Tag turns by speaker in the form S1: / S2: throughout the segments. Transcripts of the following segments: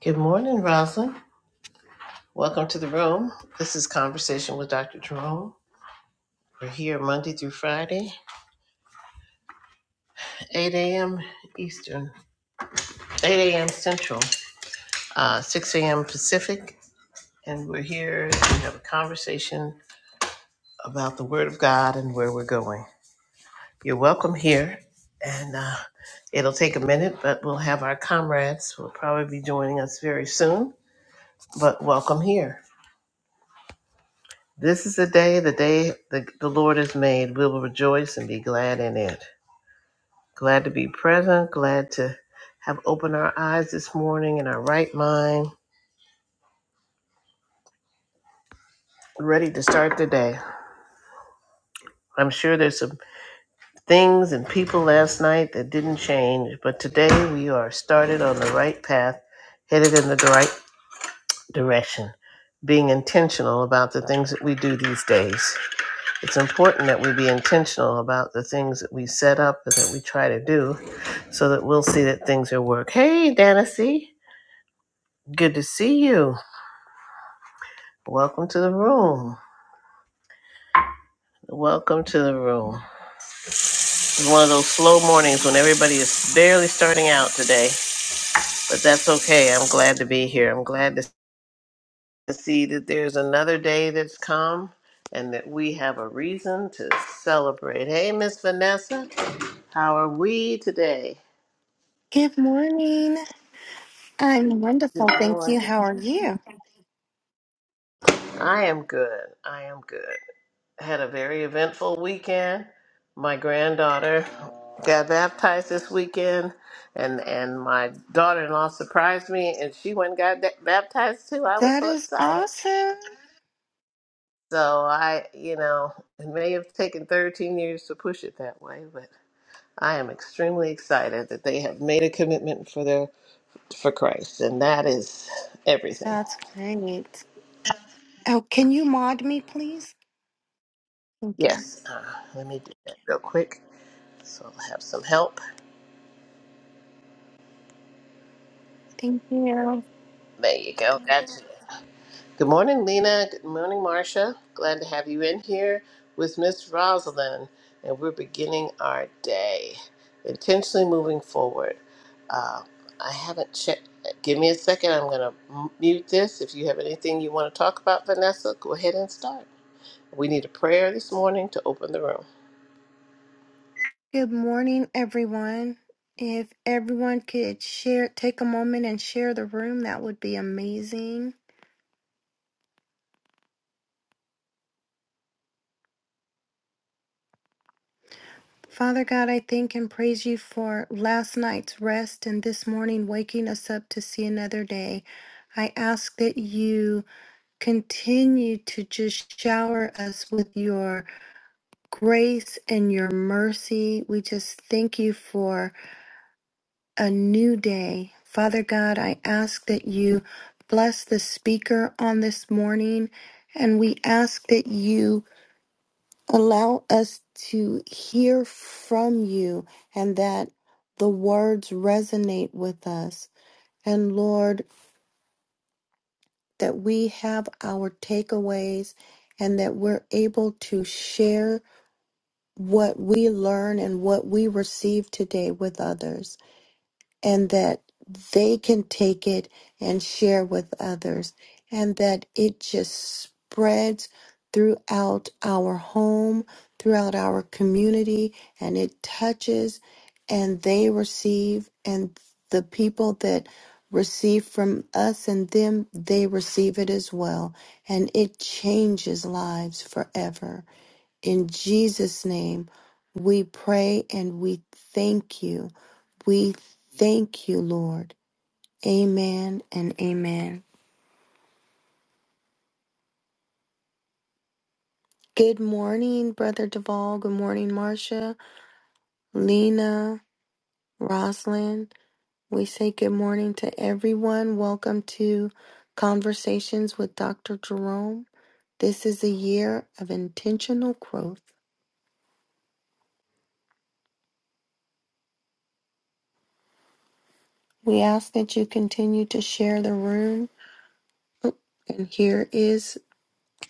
S1: Good morning, Roslyn. Welcome to the room. This is Conversation with Dr. Jerome. We're here Monday through Friday, 8 a.m. Eastern, 8 a.m. Central, uh, 6 a.m. Pacific. And we're here to have a conversation about the Word of God and where we're going. You're welcome here. And uh, it'll take a minute, but we'll have our comrades who will probably be joining us very soon. But welcome here. This is the day, the day the, the Lord has made. We will rejoice and be glad in it. Glad to be present, glad to have opened our eyes this morning in our right mind, ready to start the day. I'm sure there's some things and people last night that didn't change, but today we are started on the right path, headed in the right direction, being intentional about the things that we do these days. It's important that we be intentional about the things that we set up and that we try to do so that we'll see that things will work. Hey, Danacy, good to see you. Welcome to the room. Welcome to the room. It's one of those slow mornings when everybody is barely starting out today, but that's okay. I'm glad to be here. I'm glad to see that there's another day that's come and that we have a reason to celebrate. Hey, Miss Vanessa, how are we today?
S2: Good morning. I'm
S1: Good
S2: wonderful. Thank you.
S1: morning.
S2: How are you?
S1: I am good. I am good. had a very eventful weekend. My granddaughter got baptized this weekend, and and my daughter-in-law surprised me, and she went and got da- baptized too. I was
S2: That
S1: so
S2: is
S1: excited.
S2: awesome.
S1: So I, you know, it may have taken 13 years to push it that way, but I am extremely excited that they have made a commitment for their for Christ, and that is everything.
S2: That's great. Oh, can you mod me, please? Thank you.
S1: Yes, uh, let me do that real quick. So I'll have some help.
S2: Thank you.
S1: There you go. Gotcha. Good morning, Lena. Good morning, Marcia. Glad to have you in here with Miss Rosalind. And we're beginning our day, intentionally moving forward. Uh, I haven't checked. Give me a second. I'm going to mute this. If you have anything you want to talk about, Vanessa, go ahead and start. We need a prayer this morning to open the room.
S2: Good morning, everyone. If everyone could share, take a moment and share the room, that would be amazing. Father God, I thank and praise you for last night's rest and this morning waking us up to see another day. I ask that you Continue to just shower us with your grace and your mercy. We just thank you for a new day. Father God, I ask that you bless the speaker on this morning, and we ask that you allow us to hear from you and that the words resonate with us. And Lord, that we have our takeaways and that we're able to share what we learn and what we receive today with others, and that they can take it and share with others, and that it just spreads throughout our home, throughout our community, and it touches and they receive, and the people that receive from us and them, they receive it as well, and it changes lives forever. In Jesus' name, we pray and we thank you. We thank you, Lord. Amen and amen. Good morning, Brother Duvall. Good morning, Marcia, Lena, Roslyn. We say good morning to everyone. Welcome to Conversations with Dr. Jerome. This is a year of intentional growth. We ask that you continue to share the room. Oh, And here is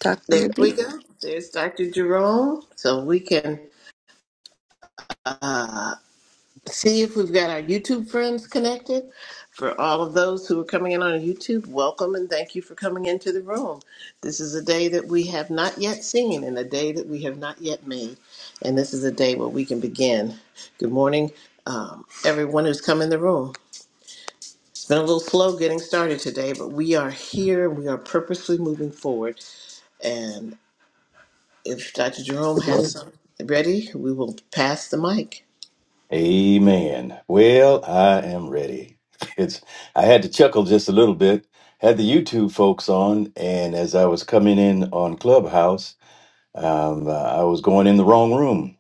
S2: Dr.
S1: There
S2: McGee.
S1: we go. There's Dr. Jerome. So we can. uh, see if we've got our YouTube friends connected. For all of those who are coming in on YouTube, welcome and thank you for coming into the room. This is a day that we have not yet seen and a day that we have not yet made. And this is a day where we can begin. Good morning, um, everyone who's come in the room. It's been a little slow getting started today, but we are here. We are purposely moving forward. And if Dr. Jerome has something ready, we will pass the mic.
S3: Amen. Well, I am ready. It's I had to chuckle just a little bit. Had the YouTube folks on, and as I was coming in on Clubhouse, um, uh, I was going in the wrong room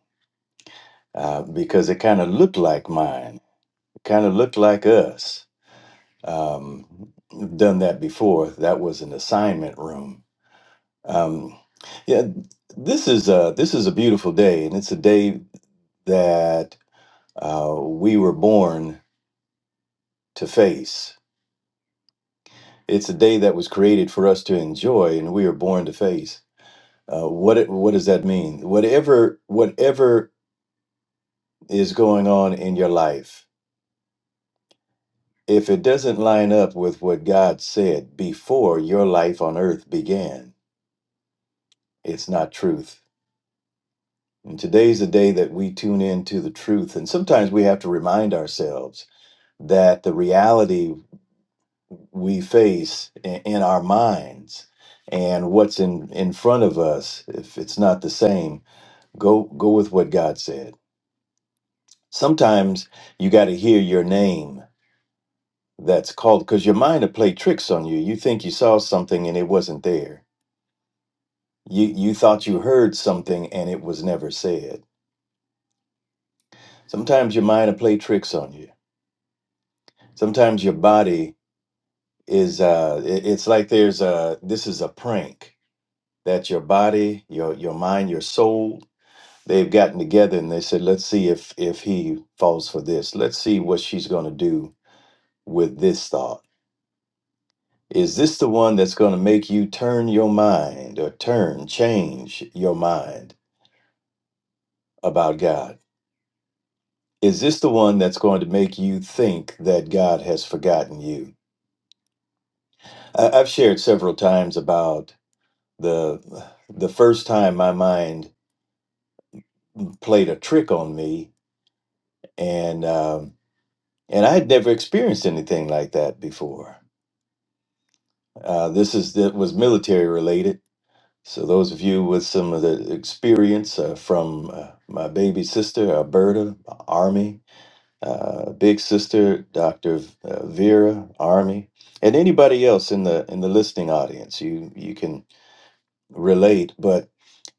S3: uh, because it kind of looked like mine. It kind of looked like us. Um, we've done that before. That was an assignment room. Um, yeah, this is a, this is a beautiful day, and it's a day that uh, we were born to face. It's a day that was created for us to enjoy, and we are born to face. Uh, what it- what does that mean? Whatever whatever is going on in your life, if it doesn't line up with what God said before your life on earth began, it's not truth. And today's the day that we tune into the truth, and sometimes we have to remind ourselves that the reality we face in, in our minds and what's in in front of us, if it's not the same Go go with what God said. Sometimes you got to hear your name that's called because your mind will play tricks on you. You think you saw something and it wasn't there. You you thought you heard something and it was never said. Sometimes your mind will play tricks on you. Sometimes your body is uh it- it's like there's a this is a prank that your body, your your mind, your soul they've gotten together and they said let's see if if he falls for this let's see what she's going to do with this thought Is this the one that's going to make you turn your mind or turn, change your mind about God? Is this the one that's going to make you think that God has forgotten you? I- I've shared several times about the the first time my mind played a trick on me, and um, and I had never experienced anything like that before. Uh, this is that was military related So, those of you with some of the experience uh, from uh, my baby sister, Alberta, Army, uh, big sister, Dr. V- uh, Vera, Army, and anybody else in the in the listening audience, you you can relate. But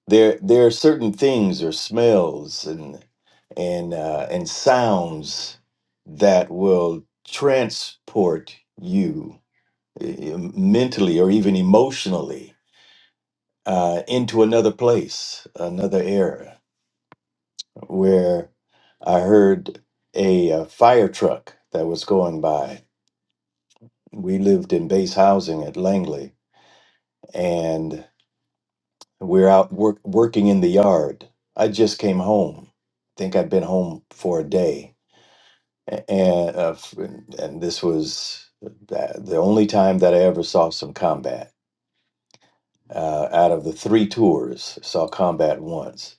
S3: there there are certain things or smells and and uh, and sounds that will transport you eh, mentally or even emotionally uh, into another place, another era, where I heard a, uh fire truck that was going by. We lived in base housing at Langley, and we're out work, working in the yard. I just came home. I think I'd been home for a day, and uh, f- and this was the the only time that I ever saw some combat. Uh, out of the three tours, saw combat once.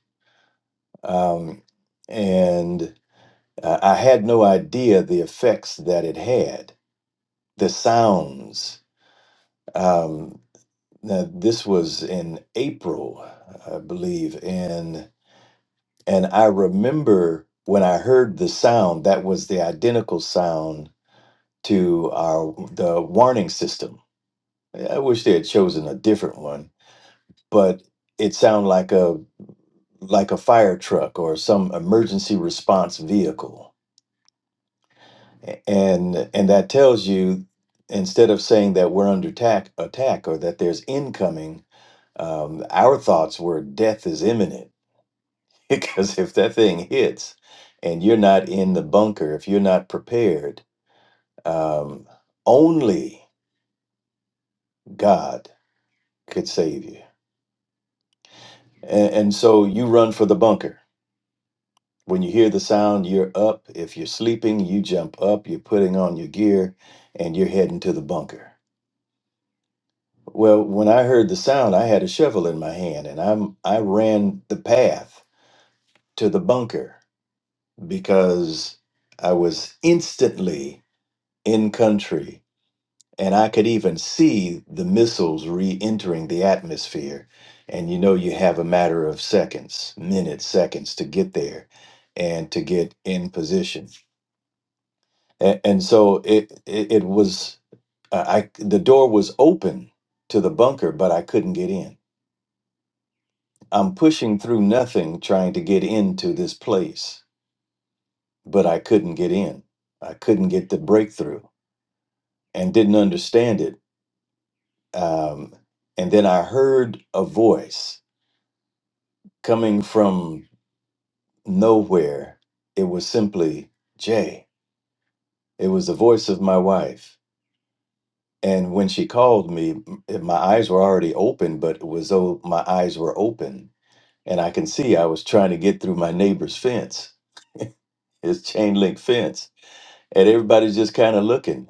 S3: Um, and Uh, I had no idea the effects that it had, the sounds. Um, now, this was in April, I believe, and and I remember when I heard the sound. That was the identical sound to our the warning system. I wish they had chosen a different one, but it sounded like a like a fire truck or some emergency response vehicle A- and and that tells you instead of saying that we're under attack attack or that there's incoming um, our thoughts were death is imminent because if that thing hits and you're not in the bunker if you're not prepared um, only god could save you and, and so you run for the bunker when you hear the sound you're up if you're sleeping you jump up you're putting on your gear and you're heading to the bunker Well, when I heard the sound, I had a shovel in my hand and I'm I ran the path to the bunker because I was instantly in country and I could even see the missiles re-entering the atmosphere. And you know you have a matter of seconds, minutes, seconds to get there and to get in position. And, and so it, it it was I I- the door was open to the bunker, but I couldn't get in I'm pushing through nothing trying to get into this place, but I couldn't get in. I couldn't get the breakthrough and didn't understand it. Um, and then I heard a voice coming from nowhere. It was simply Jay. It was the voice of my wife. And when she called me, m- my eyes were already open, but it was though my eyes were open. And I can see I was trying to get through my neighbor's fence, his chain link fence and everybody's just kind of looking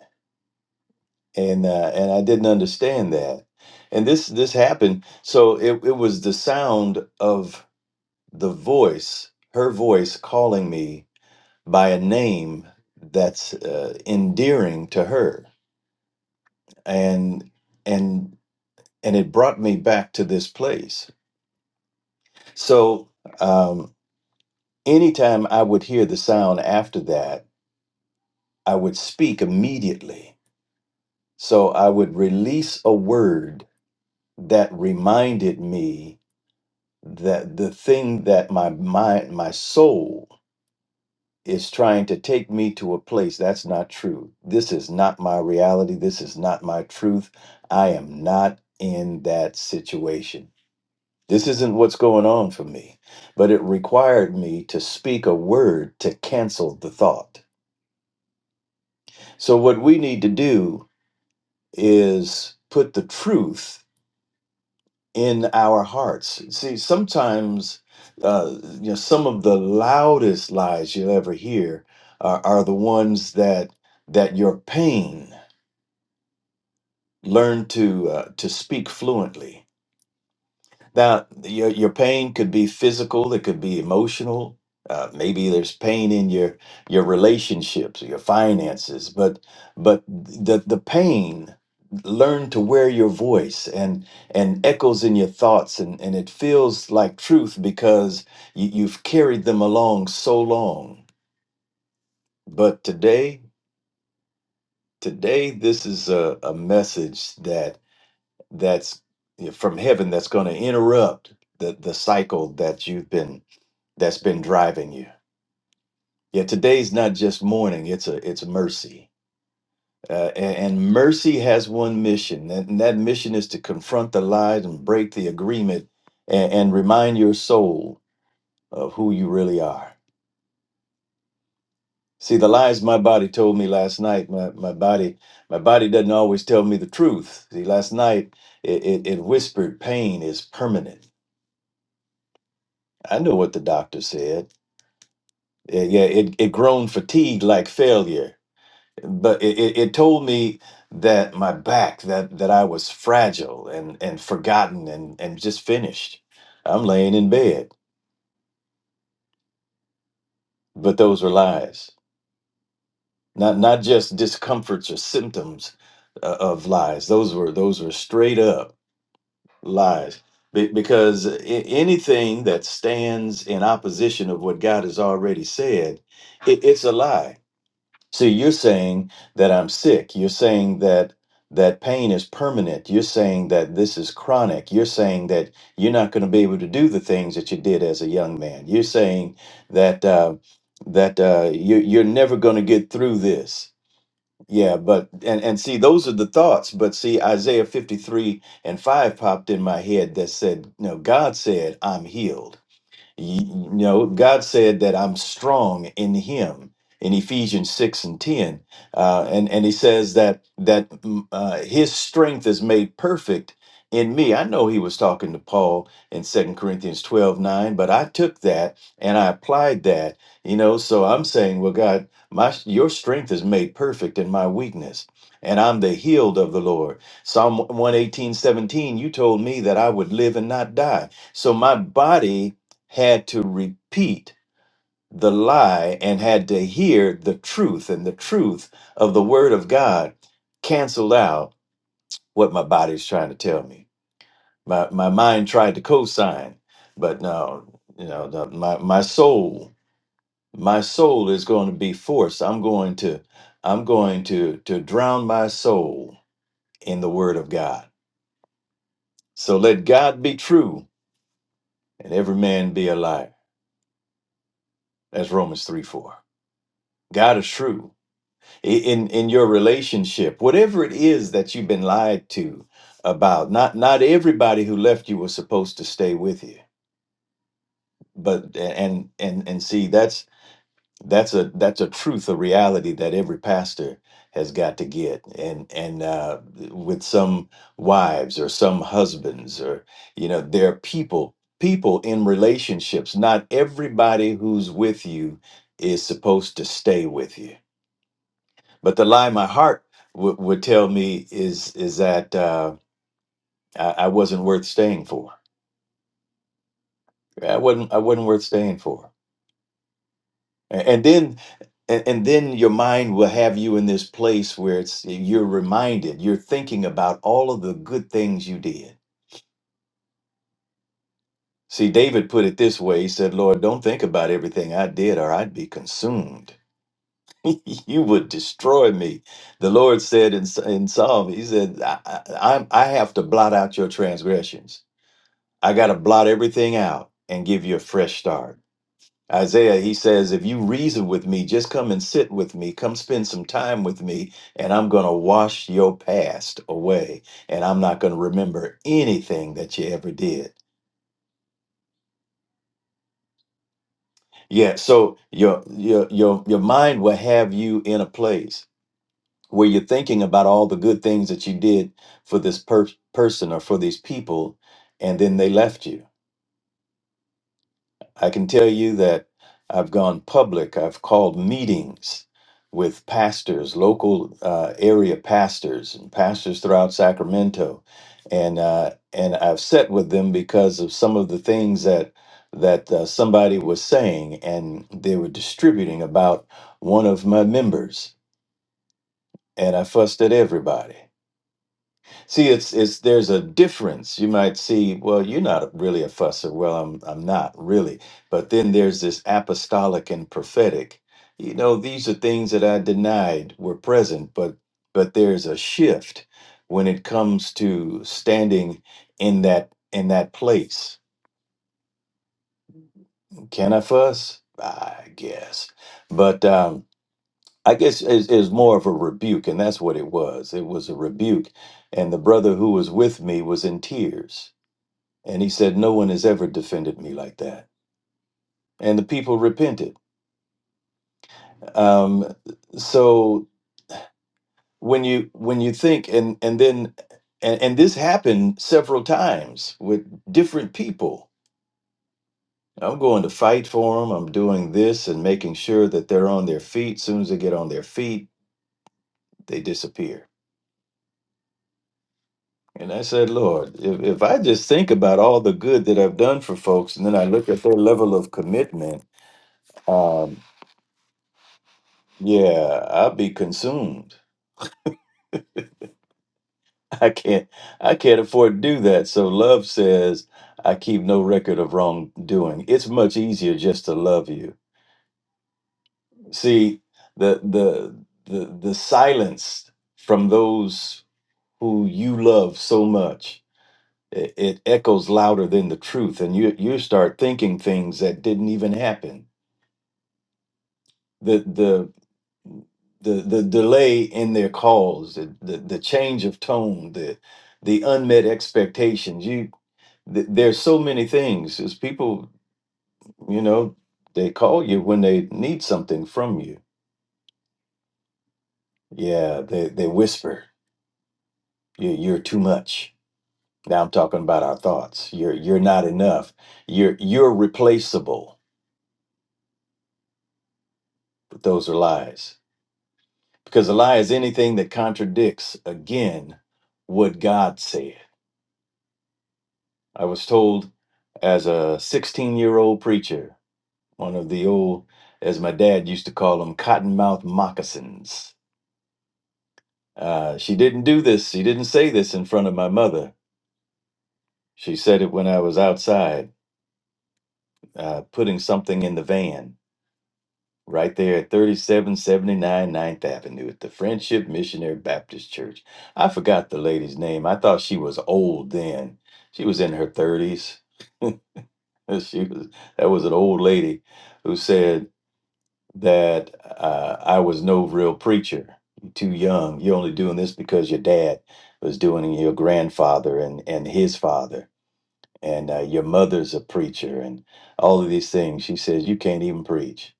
S3: and uh, and I didn't understand that and this this happened so it, it was the sound of the voice her voice calling me by a name that's uh, endearing to her and and and it brought me back to this place so um, anytime I would hear the sound after that I would speak immediately so I would release a word that reminded me that the thing that my mind, my soul is trying to take me to a place that's not true. This is not my reality. This is not my truth. I am not in that situation. This isn't what's going on for me. But it required me to speak a word to cancel the thought. So, what we need to do is put the truth in our hearts. See, sometimes uh, you know some of the loudest lies you'll ever hear are, are the ones that that your pain learned to uh, to speak fluently now, your your pain could be physical, it could be emotional. Uh, maybe there's pain in your your relationships or your finances, but but the the pain learn to wear your voice and and echoes in your thoughts and and it feels like truth because you, you've carried them along so long. But today, today this is a, a message that that's from heaven that's going to interrupt the the cycle that you've been that's been driving you. Yeah, today's not just mourning, it's a it's mercy. Uh, a- and, mercy has one mission, and, and that mission is to confront the lies and break the agreement and, and remind your soul of who you really are. See, the lies my body told me last night, my, my body my body doesn't always tell me the truth. See, last night it, it, it whispered pain is permanent. I know what the doctor said. Yeah, yeah, it, it groaned fatigue like failure but it, it, it told me that my back that that I was fragile and and forgotten and and just finished. I'm laying in bed, but those were lies. Not not just discomforts or symptoms uh, of lies. Those were those were straight up lies. Be- Because a- anything that stands in opposition of what God has already said, it, it's a lie See, you're saying that I'm sick. You're saying that that pain is permanent. You're saying that this is chronic. You're saying that you're not going to be able to do the things that you did as a young man. You're saying that uh, that uh, you, you're never going to get through this. Yeah, but and and see, those are the thoughts. But see, Isaiah 53 and 5 popped in my head that said, "No, God said I'm healed." Y- You know, God said that I'm strong in Him in Ephesians six and ten, uh, and and He says that that mm, uh, His strength is made perfect in me. I know He was talking to Paul in Second Corinthians twelve nine, but I took that and I applied that. You know, so I'm saying, well, God, my Your strength is made perfect in my weakness. And I'm the healed of the Lord. Psalm one eighteen seventeen. you told me that I would live and not die. So my body had to repeat the lie and had to hear the truth, and the truth of the word of God canceled out what my body's trying to tell me. My my mind tried to co-sign, but no, you know, the- my my soul, my soul is going to be forced. I'm going to I'm going to to drown my soul in the word of God. So let God be true and every man be a liar. That's Romans 3 4. God is true i- in in your relationship whatever it is that you've been lied to about not not everybody who left you was supposed to stay with you but and and and see that's that's a that's a truth a reality that every pastor has got to get and and uh, with some wives or some husbands or you know there are people people in relationships not everybody who's with you is supposed to stay with you but the lie my heart w- would tell me is is that uh, I, I wasn't worth staying for. I wasn't I wasn't worth staying for. A- And then and, and then your mind will have you in this place where it's you're reminded, you're thinking about all of the good things you did. See, David put it this way. He said, "Lord, don't think about everything I did, or I'd be consumed. you would destroy me." The Lord said in, in Psalm, He said, I, I, I'm- "I have to blot out your transgressions." I got to blot everything out and give you a fresh start. Isaiah, he says, if you reason with me, just come and sit with me, come spend some time with me, and I'm going to wash your past away, and I'm not going to remember anything that you ever did. Yeah, so your your your your mind will have you in a place where you're thinking about all the good things that you did for this per- person or for these people, and then they left you I can tell you that I've gone public. I've called meetings with pastors, local uh, area pastors, and pastors throughout Sacramento, and uh, and I've sat with them because of some of the things that that uh, somebody was saying, and they were distributing about one of my members, and I fussed at everybody. See, it's it's there's a difference. You might see, well, you're not really a fusser. Well, I'm I'm not really. But then there's this apostolic and prophetic. You know, these are things that I denied were present, but but there's a shift when it comes to standing in that in that place. Can I fuss? I guess. But um I guess is is more of a rebuke, and that's what it was. It was a rebuke, and the brother who was with me was in tears And he said, No one has ever defended me like that. And the people repented. Um, so when you when you think and and then and, and this happened several times with different people. I'm going to fight for them. I'm doing this and making sure that they're on their feet. soon as they get on their feet, they disappear. And I said, Lord, if, if I just think about all the good that I've done for folks and then I look at their level of commitment, um, yeah, I'll be consumed I can't I can't afford to do that. So love says, I keep no record of wrongdoing. It's much easier just to love you. See, the the the the silence from those who you love so much, it, it echoes louder than the truth. And you you start thinking things that didn't even happen. The the the, the delay in their calls, the, the, the change of tone, the the unmet expectations. you. th- there's so many things is people you know they call you when they need something from you yeah they they whisper you, you're too much now i'm talking about our thoughts you're you're not enough you're you're replaceable but those are lies because a lie is anything that contradicts again what god said i was told as a 16 year old preacher one of the old as my dad used to call them cottonmouth moccasins Uh, she didn't do this. She didn't say this in front of my mother. She said it when I was outside uh, putting something in the van right there at 3779 Ninth Avenue at the Friendship Missionary Baptist Church. I forgot the lady's name. I thought she was old then. She was in her 30s. She was that was an old lady who said that uh, I was no real preacher. You're too young. You're only doing this because your dad was doing it, your grandfather and and his father and uh, your mother's a preacher and all of these things she says you can't even preach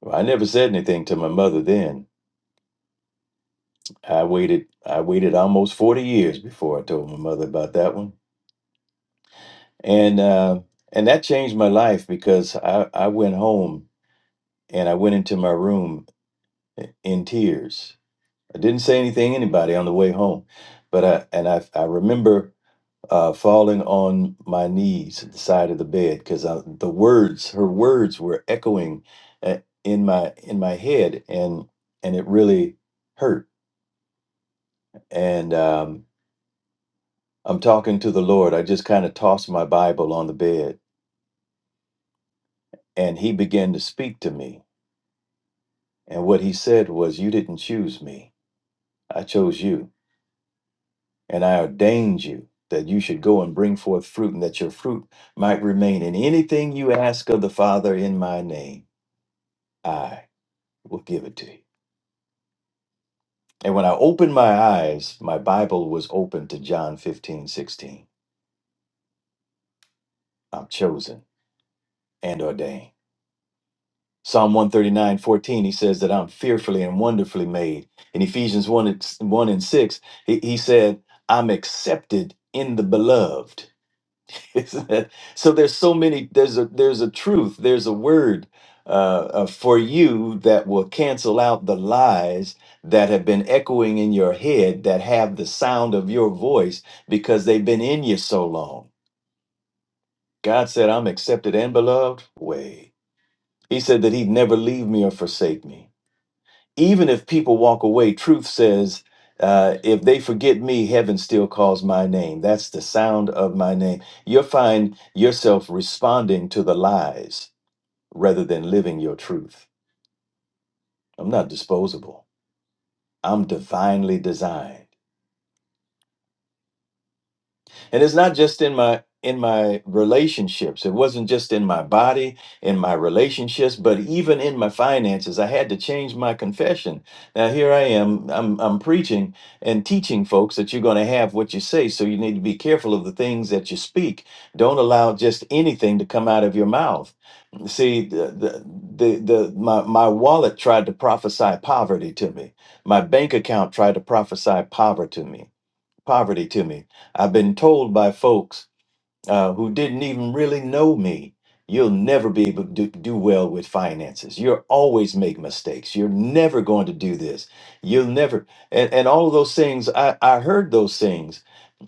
S3: well, i never said anything to my mother then i waited i waited almost 40 years before i told my mother about that one and uh, and that changed my life because I, I went home and i went into my room eh, in tears i didn't say anything to anybody on the way home but i and i, I remember uh, falling on my knees at the side of the bed because the words, her words, were echoing uh, in my in my head, and and it really hurt. And um, I'm talking to the Lord. I just kind of tossed my Bible on the bed, and He began to speak to me. And what He said was, "You didn't choose me. I chose you, and I ordained you." That you should go and bring forth fruit, and that your fruit might remain. And anything you ask of the Father in my name, I will give it to you. And when I opened my eyes, my Bible was open to John fifteen sixteen. I'm chosen and ordained. Psalm one thirty nine fourteen. he says that I'm fearfully and wonderfully made. In Ephesians 1, and- 1 and 6, he, he said, I'm accepted in the beloved. Isn't it? So there's so many. There's a there's a truth. There's a word uh, uh, for you that will cancel out the lies that have been echoing in your head that have the sound of your voice because they've been in you so long. God said, "I'm accepted and beloved." Way He said that He'd never leave me or forsake me even if people walk away, truth says, uh, if they forget me, heaven still calls my name. That's the sound of my name. You'll find yourself responding to the lies rather than living your truth. I'm not disposable, I'm divinely designed. and it's not just in my in my relationships it wasn't just in my body in my relationships but even in my finances i had to change my confession now here i am i'm, I'm preaching and teaching folks that you're going to have what you say so you need to be careful of the things that you speak don't allow just anything to come out of your mouth see the the, the, the my, my wallet tried to prophesy poverty to me my bank account tried to prophesy poverty to me poverty to me. I've been told by folks uh, who didn't even really know me, you'll never be able to do, do well with finances. You'll always make mistakes. You're never going to do this. You'll never, and, and all of those things, I, I heard those things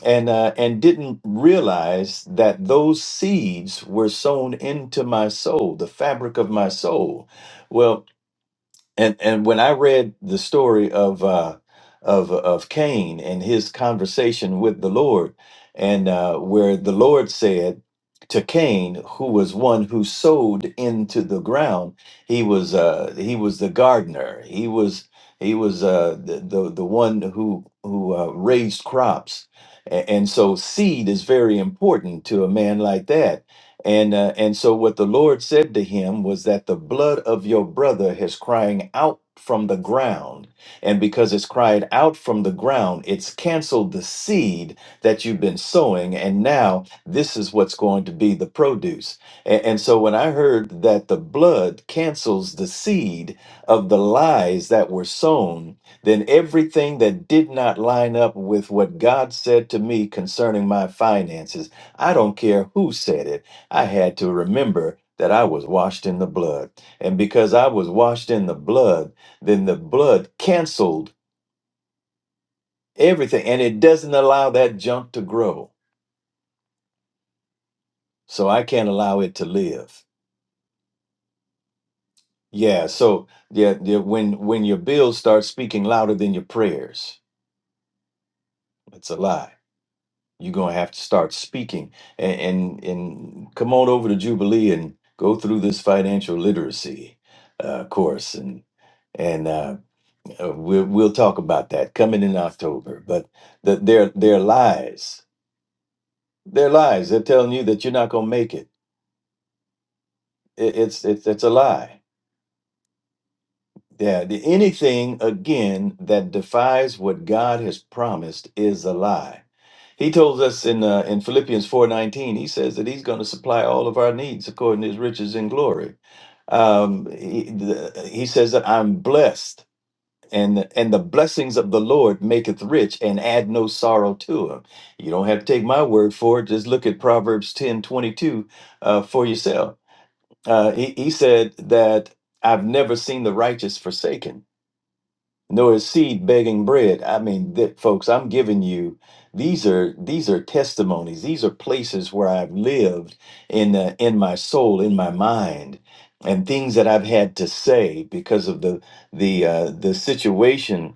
S3: and uh, and didn't realize that those seeds were sown into my soul, the fabric of my soul. Well, and and when I read the story of uh, of of Cain and his conversation with the Lord, and uh, where the Lord said to Cain, who was one who sowed into the ground, he was uh, he was the gardener. He was he was uh, the, the the one who who uh, raised crops, A- and so seed is very important to a man like that and uh, and so what the Lord said to him was that the blood of your brother is crying out from the ground, and because it's cried out from the ground, it's canceled the seed that you've been sowing, and now this is what's going to be the produce. And, and so when I heard that the blood cancels the seed of the lies that were sown, then everything that did not line up with what God said to me concerning my finances, I don't care who said it. I had to remember that I was washed in the blood. And because I was washed in the blood, then the blood canceled everything and it doesn't allow that junk to grow. So I can't allow it to live. Yeah, so yeah, yeah when when your bills start speaking louder than your prayers, it's a lie. You're gonna have to start speaking and and, and come on over to Jubilee and go through this financial literacy uh, course and and uh, Uh, we'll, we'll talk about that coming in October. But the, they're, they're lies. They're lies. They're telling you that you're not going to make it. it. It's it's it's a lie. Yeah. The, anything again that defies what God has promised is a lie. He told us in uh, in Philippians four nineteen. He says that he's going to supply all of our needs according to his riches in glory. Um, he, the, he says that I'm blessed. and and the blessings of the lord maketh rich and add no sorrow to him you don't have to take my word for it just look at proverbs ten twenty two uh, for yourself uh, he, he said that i've never seen the righteous forsaken nor his seed begging bread i mean that folks i'm giving you these are these are testimonies these are places where i've lived in uh, in my soul in my mind and things that i've had to say because of the the uh, the situation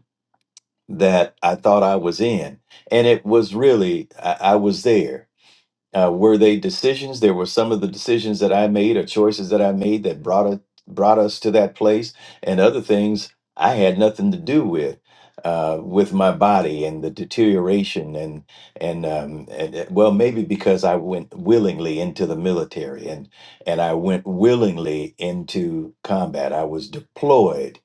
S3: that I thought I was in. And it was really, I, I was there uh, were they decisions? There were some of the decisions that I made or choices that I made that brought it, brought us to that place, and other things I had nothing to do with. Uh, with my body and the deterioration and and, um, and uh, well maybe because I went willingly into the military and and I went willingly into combat I was deployed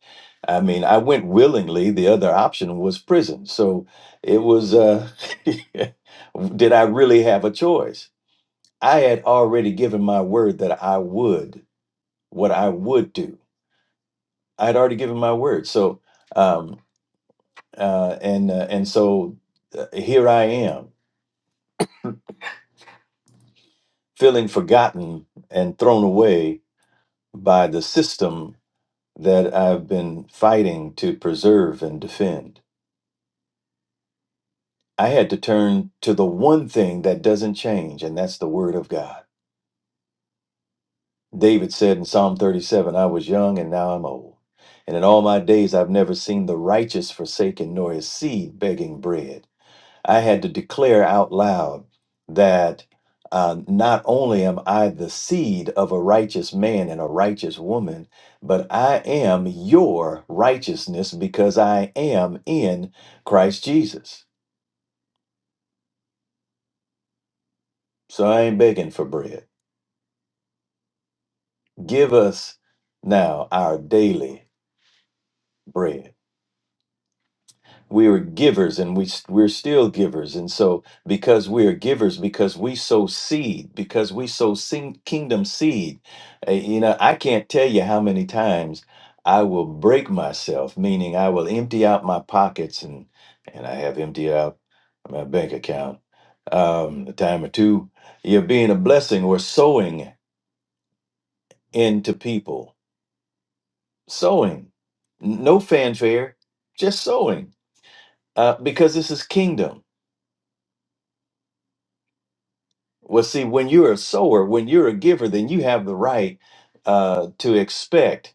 S3: I mean I went willingly the other option was prison so it was uh, did I really have a choice I had already given my word that I would, what I would do. I had already given my word. So, um, uh, and uh, and so uh, here I am, feeling forgotten and thrown away by the system that I've been fighting to preserve and defend. I had to turn to the one thing that doesn't change, and that's the word of God. David said in Psalm 37, I was young and now I'm old. And in all my days, I've never seen the righteous forsaken, nor his seed begging bread. I had to declare out loud that uh, not only am I the seed of a righteous man and a righteous woman, but I am your righteousness because I am in Christ Jesus. So I ain't begging for bread. Give us now our daily bread. we were givers and we we're still givers and so because we are givers because we sow seed because we sow sing, kingdom seed uh, you know i can't tell you how many times i will break myself meaning i will empty out my pockets and and i have emptied out my bank account um a time or two you're being a blessing or sowing into people sowing N- no fanfare just sowing uh, because this is kingdom Well, see, when you're a sower, when you're a giver, then you have the right uh, to expect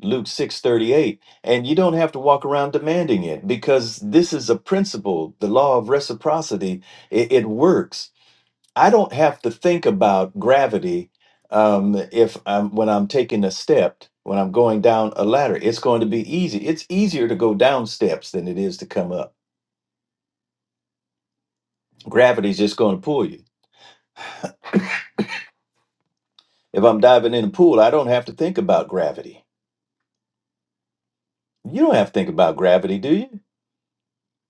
S3: Luke 6:38, and you don't have to walk around demanding it because this is a principle, the law of reciprocity. It, it works. I don't have to think about gravity um, if I'm when I'm taking a step, when I'm going down a ladder. It's going to be easy. It's easier to go down steps than it is to come up. Gravity's just going to pull you. If I'm diving in a pool, I don't have to think about gravity You don't have to think about gravity, do you?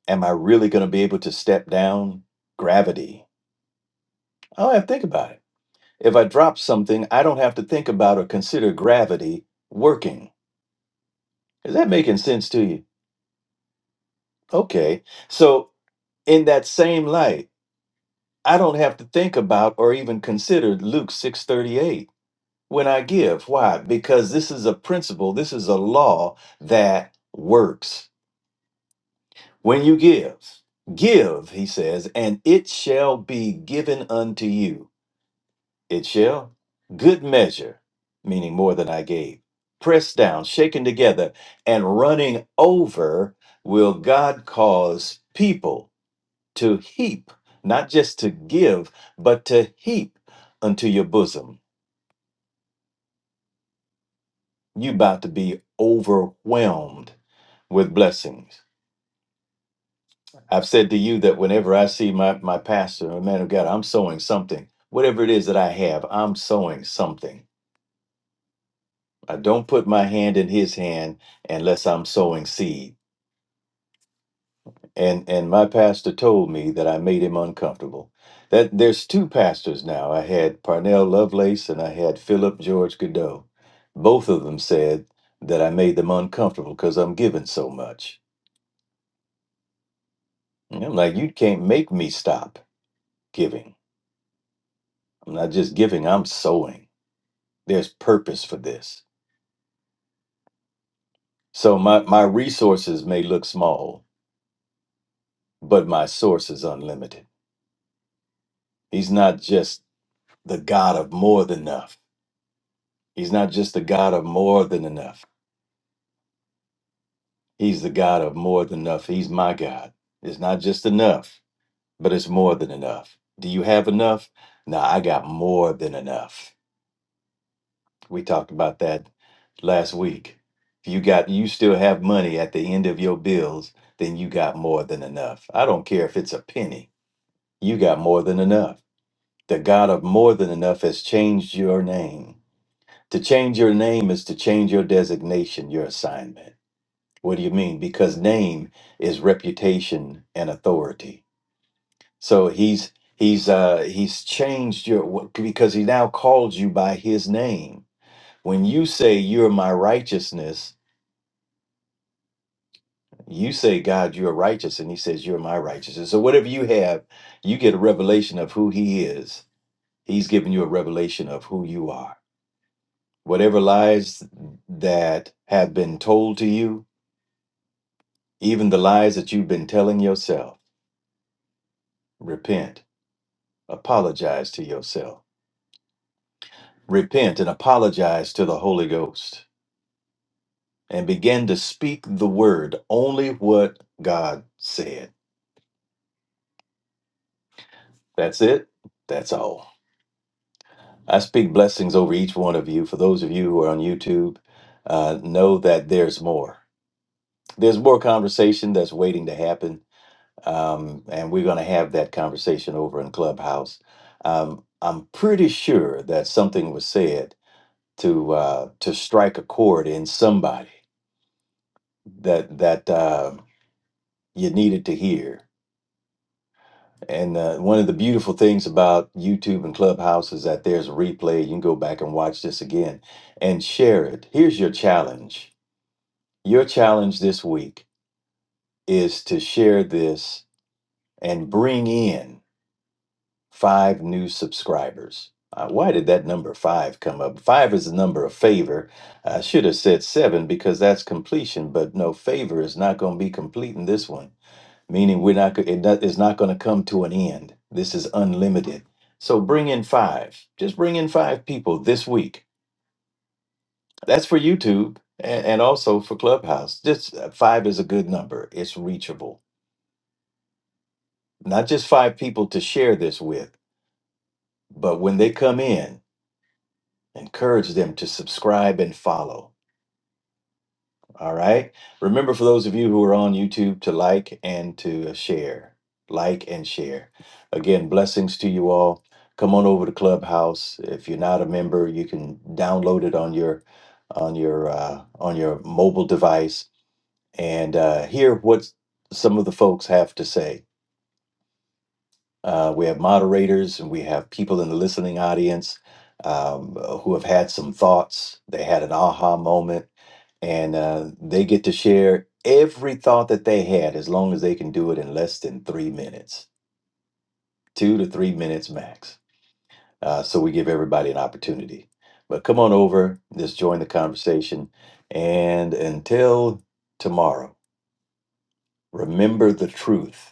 S3: Am I really going to be able to step down gravity? I don't have to think about it. If I drop something, I don't have to think about or consider gravity working. Is that making sense to you? Okay. So, in that same light, I don't have to think about or even consider Luke 6:38 when I give. Why? Because this is a principle, this is a law that works. When you give, give, he says, and it shall be given unto you. It shall, good measure, meaning more than I gave, pressed down, shaken together, and running over, will God cause people to heap, not just to give, but to heap unto your bosom. You about to be overwhelmed with blessings. I've said to you that whenever I see my, my pastor or man of God, I'm sowing something. Whatever it is that I have, I'm sowing something. I don't put my hand in his hand unless I'm sowing seed. And and my pastor told me that I made him uncomfortable. That there's two pastors now. I had Parnell Lovelace and I had Philip George Godot. Both of them said that I made them uncomfortable because I'm giving so much. And I'm like, you can't make me stop giving. I'm not just giving, I'm sowing. There's purpose for this. So my, my resources may look small, but my source is unlimited. He's not just the God of more than enough. He's not just the God of more than enough. He's the God of more than enough. He's my God. It's not just enough, but it's more than enough. Do you have enough? No, I got more than enough. We talked about that last week. If you got you still have money at the end of your bills, then you got more than enough. I don't care if it's a penny. you got more than enough. The God of more than enough has changed your name. To change your name is to change your designation, your assignment. What do you mean? Because name is reputation and authority. So he's he's uh he's changed your because he now calls you by his name. When you say you're my righteousness, you say God, you're righteous, and he says you're my righteousness. So whatever you have, you get a revelation of who he is. He's giving you a revelation of who you are whatever lies that have been told to you, even the lies that you've been telling yourself, repent, apologize to yourself, repent and apologize to the Holy Ghost, and begin to speak the word only what God said. That's it. That's all. I speak blessings over each one of you. For those of you who are on YouTube, uh, know that there's more. There's more conversation that's waiting to happen um, and we're going to have that conversation over in Clubhouse. Um, I'm pretty sure that something was said to uh, to strike a chord in somebody that that uh, you needed to hear. And uh, one of the beautiful things about YouTube and Clubhouse is that there's a replay. You can go back and watch this again and share it. Here's your challenge. Your challenge this week is to share this and bring in five new subscribers. Uh, why did that number five come up? Five is the number of favor. I should have said seven because that's completion, but no, favor is not going to be complete in this one, meaning we're not, it not- it's not going to come to an end. This is unlimited. So bring in five. Just bring in five people this week. That's for YouTube and, and also for Clubhouse. Just uh, five is a good number, it's reachable. Not just five people to share this with, but when they come in, encourage them to subscribe and follow. All right. Remember, for those of you who are on YouTube, to like and to share. Like and share. Again, blessings to you all. Come on over to Clubhouse. If you're not a member, you can download it on your on your uh, on your mobile device and uh, hear what some of the folks have to say Uh, we have moderators and we have people in the listening audience um, who have had some thoughts. They had an aha moment and uh, they get to share every thought that they had as long as they can do it in less than three minutes, two to three minutes max. Uh, so we give everybody an opportunity. But come on over, just join the conversation. And until tomorrow, remember the truth.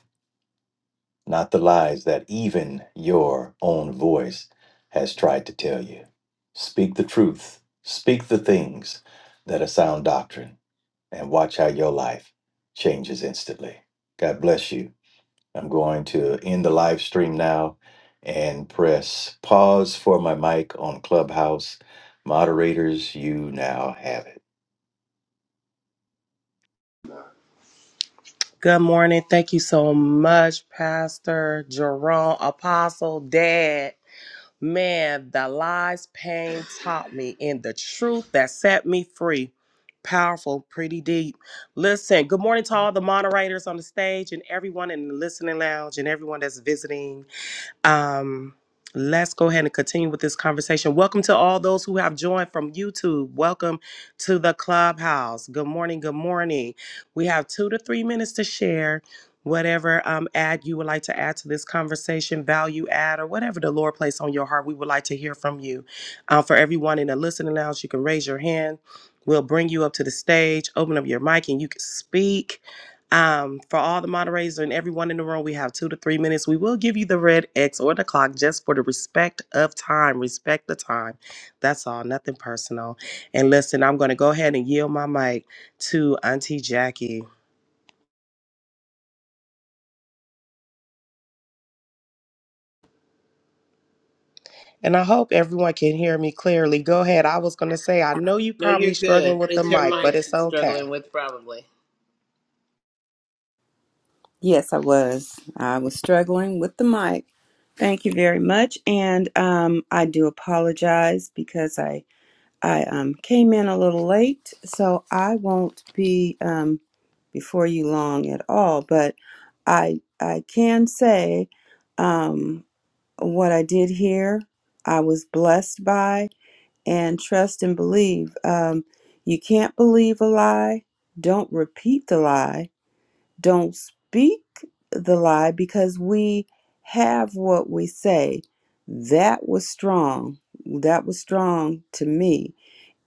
S3: not the lies that even your own voice has tried to tell you. Speak the truth, speak the things that are sound doctrine, and watch how your life changes instantly. God bless you. I'm going to end the live stream now and press pause for my mic on Clubhouse. Moderators, you now have it.
S4: Good morning. Thank you so much, Pastor Jerome, Apostle, Dad. Man, the lies pain taught me and the truth that set me free. Powerful, pretty deep. Listen, good morning to all the moderators on the stage and everyone in the listening lounge and everyone that's visiting. Um, let's go ahead and continue with this conversation. Welcome to all those who have joined from YouTube. Welcome to the clubhouse. Good morning. Good morning. We have two to three minutes to share whatever um, ad you would like to add to this conversation, value add, or whatever the Lord placed on your heart. We would like to hear from you. Uh, for everyone in the listening lounge, you can raise your hand. We'll bring you up to the stage, open up your mic, and you can speak. Um, for all the moderators and everyone in the room, we have two to three minutes. We will give you the red X or the clock just for the respect of time. Respect the time. That's all, nothing personal. And listen, I'm going to go ahead and yield my mic to Auntie Jackie. And I hope everyone can hear me clearly. Go ahead. I was going to say, I know you
S1: No,
S4: probably
S1: you're
S4: struggling
S1: good.
S4: with the
S1: It's your
S4: mic, but
S1: mic
S4: it's
S1: she's
S4: okay.
S1: struggling with, probably.
S5: Yes, I was. I was struggling with the mic. Thank you very much, and um, I do apologize because I I um, came in a little late, so I won't be um, before you long at all. But I I can say um, what I did here, I was blessed by, and trust and believe. Um, you can't believe a lie. Don't repeat the lie don't speak the lie because we have what we say. That was strong. That was strong to me.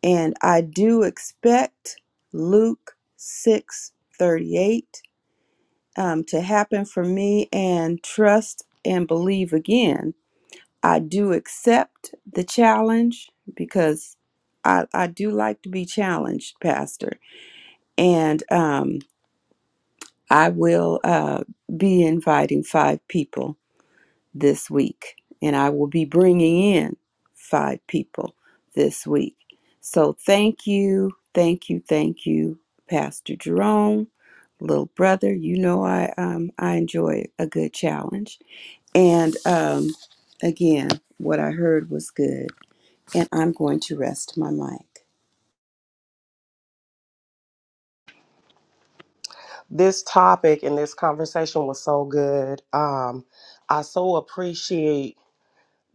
S5: And I do expect Luke 6 38 um, to happen for me and trust and believe again. I do accept the challenge because I, I do like to be challenged, Pastor. And um. I will uh, be inviting five people this week, and I will be bringing in five people this week. So thank you, thank you, thank you, Pastor Jerome, little brother. You know I um, I enjoy a good challenge, and um, again, what I heard was good, and I'm going to rest my mic.
S4: This topic and this conversation was so good. Um, I so appreciate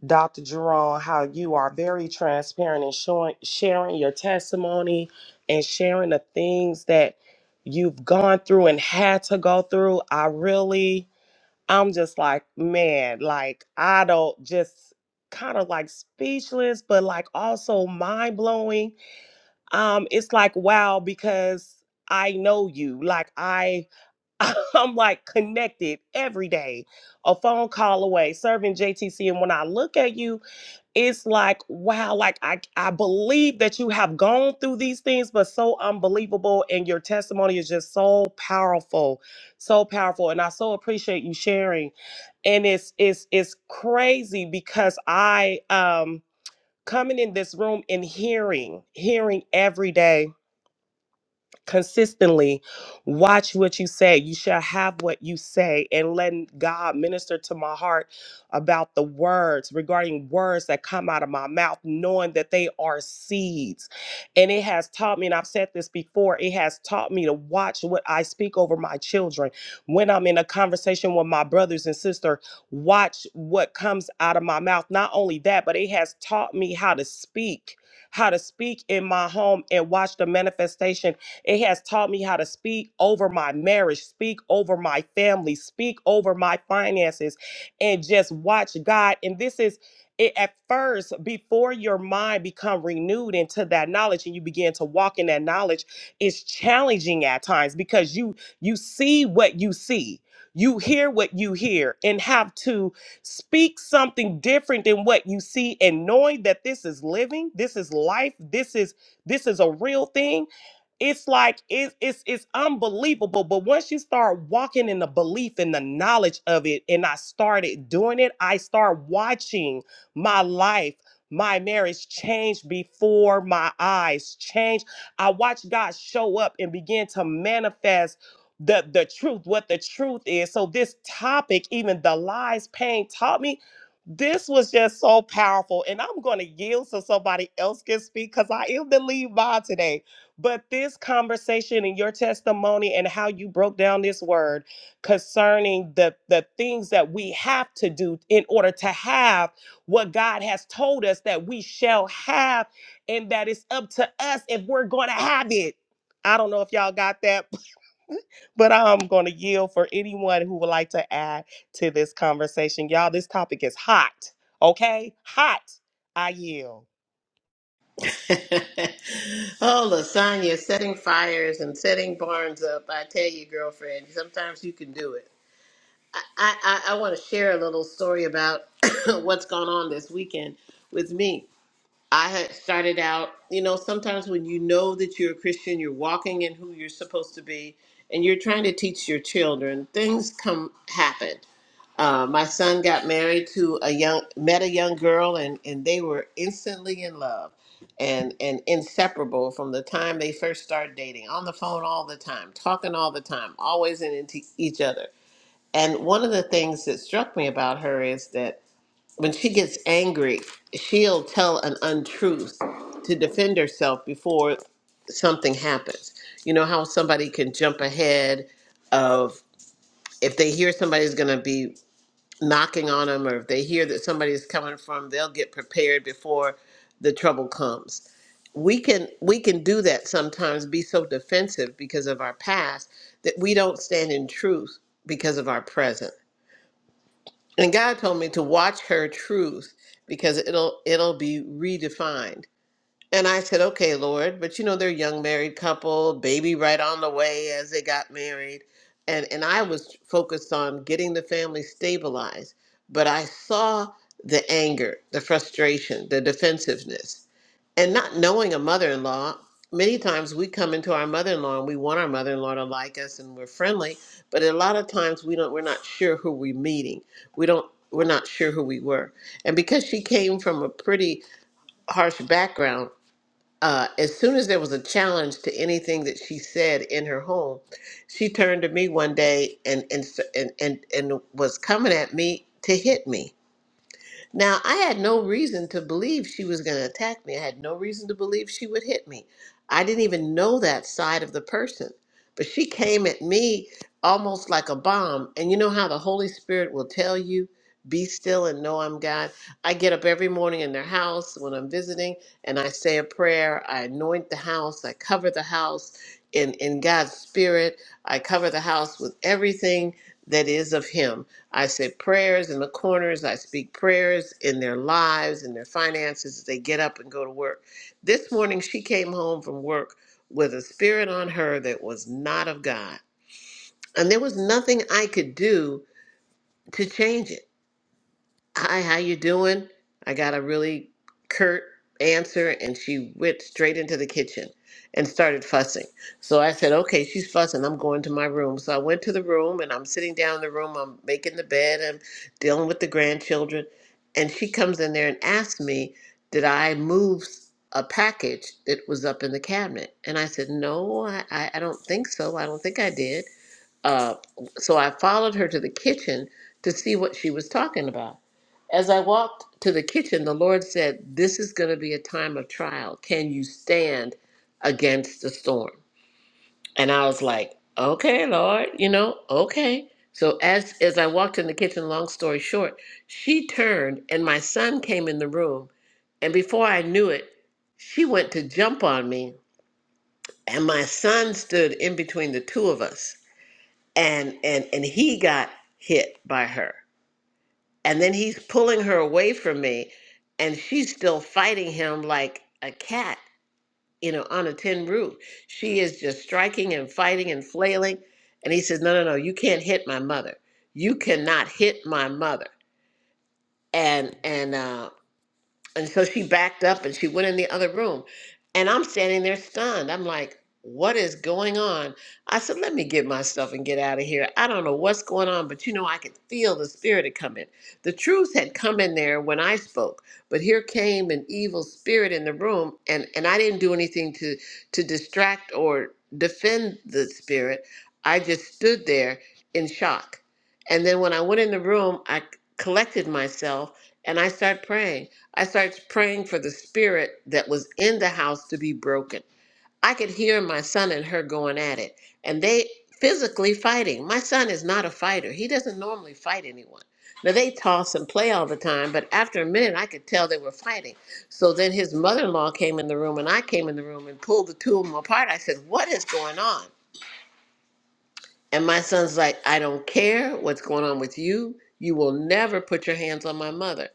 S4: Dr. Jerome, how you are very transparent and showing, sharing your testimony and sharing the things that you've gone through and had to go through. I really, I'm just like, man, like, I don't just kind of like speechless, but like also mind blowing. Um, it's like, wow, because I know you. Like, I, I'm like connected every day, a phone call away, serving JTC. And when I look at you, it's like wow like i i believe that you have gone through these things but so unbelievable and your testimony is just so powerful so powerful and i so appreciate you sharing and it's it's it's crazy because i um coming in this room and hearing hearing every day consistently watch what you say you shall have what you say and let god minister to my heart about the words regarding words that come out of my mouth knowing that they are seeds and it has taught me and i've said this before it has taught me to watch what i speak over my children when i'm in a conversation with my brothers and sister watch what comes out of my mouth not only that but it has taught me how to speak how to speak in my home and watch the manifestation it has taught me how to speak over my marriage, speak over my family, speak over my finances, and just watch God. And this is it at first before your mind become renewed into that knowledge and you begin to walk in that knowledge it's challenging at times because you you see what you see you hear what you hear and have to speak something different than what you see and knowing that this is living this is life this is this is a real thing it's like it, it's it's unbelievable but once you start walking in the belief and the knowledge of it and i started doing it i start watching my life my marriage change before my eyes change i watch god show up and begin to manifest the the truth what the truth is so this topic even the lies pain taught me this was just so powerful and i'm going to yield so somebody else can speak because i am the lead mom today but this conversation and your testimony and how you broke down this word concerning the, the things that we have to do in order to have what God has told us that we shall have, and that it's up to us if we're going to have it. I don't know if y'all got that, but I'm going to yield for anyone who would like to add to this conversation. Y'all, this topic is hot, okay? Hot. I yield.
S1: oh, Lasagna, setting fires and setting barns up. I tell you, girlfriend, sometimes you can do it. I, I, I want to share a little story about what's gone on this weekend with me. I had started out, you know, sometimes when you know that you're a Christian, you're walking in who you're supposed to be, and you're trying to teach your children, things come happen. Uh, my son got married to a young, met a young girl, and and they were instantly in love, and and inseparable from the time they first started dating. On the phone all the time, talking all the time, always in into each other. And one of the things that struck me about her is that when she gets angry, she'll tell an untruth to defend herself before something happens. You know how somebody can jump ahead of if they hear somebody's going to be knocking on them or if they hear that somebody is coming from they'll get prepared before the trouble comes we can we can do that sometimes be so defensive because of our past that we don't stand in truth because of our present and god told me to watch her truth because it'll it'll be redefined and I said, okay, Lord, but you know, they're a young married couple, baby right on the way as they got married. And, and I was focused on getting the family stabilized. But I saw the anger, the frustration, the defensiveness. And not knowing a mother in law, many times we come into our mother in law and we want our mother in law to like us and we're friendly. But a lot of times we don't, we're not sure who we're meeting. We don't, we're not sure who we were. And because she came from a pretty harsh background, uh, as soon as there was a challenge to anything that she said in her home, she turned to me one day and and and and, and was coming at me to hit me. Now, I had no reason to believe she was going to attack me. I had no reason to believe she would hit me. I didn't even know that side of the person. But she came at me almost like a bomb. And you know how the Holy Spirit will tell you, be still and know I'm God? I get up every morning in their house when I'm visiting and I say a prayer. I anoint the house. I cover the house in, in God's Spirit. I cover the house with everything that is of Him I say prayers in the corners. I speak prayers in their lives and their finances as they get up and go to work. This morning, she came home from work with a spirit on her that was not of God. And there was nothing I could do to change it hi how you doing i got a really curt answer and she went straight into the kitchen and started fussing so i said okay she's fussing i'm going to my room so i went to the room and i'm sitting down in the room i'm making the bed i'm dealing with the grandchildren and she comes in there and asks me did i move a package that was up in the cabinet and i said no i, I I don't think so i don't think i did uh, so I followed her to the kitchen to see what she was talking about. As I walked to the kitchen, the Lord said, This is going to be a time of trial. Can you stand against the storm? And I was like, Okay, Lord, you know, okay. So as as I walked in the kitchen, long story short, she turned and my son came in the room. And before I knew it, she went to jump on me. And my son stood in between the two of us and and and he got hit by her and then he's pulling her away from me and she's still fighting him like a cat you know on a tin roof she is just striking and fighting and flailing and he says no no no you can't hit my mother you cannot hit my mother and and uh and so she backed up and she went in the other room. And I'm standing there stunned. I'm like, what is going on? I said, let me get myself and get out of here. I don't know what's going on, but you know, I could feel the spirit had come in. The truth had come in there when I spoke, but here came an evil spirit in the room, and, and I didn't do anything to, to distract or defend the spirit. I just stood there in shock. And then when I went in the room, I collected myself and I started praying. I started praying for the spirit that was in the house to be broken. I could hear my son and her going at it, and they physically fighting. My son is not a fighter, he doesn't normally fight anyone. Now, they toss and play all the time, but after a minute, I could tell they were fighting. So then his mother in law came in the room, and I came in the room and pulled the two of them apart. I said, What is going on? And my son's like, I don't care what's going on with you. You will never put your hands on my mother.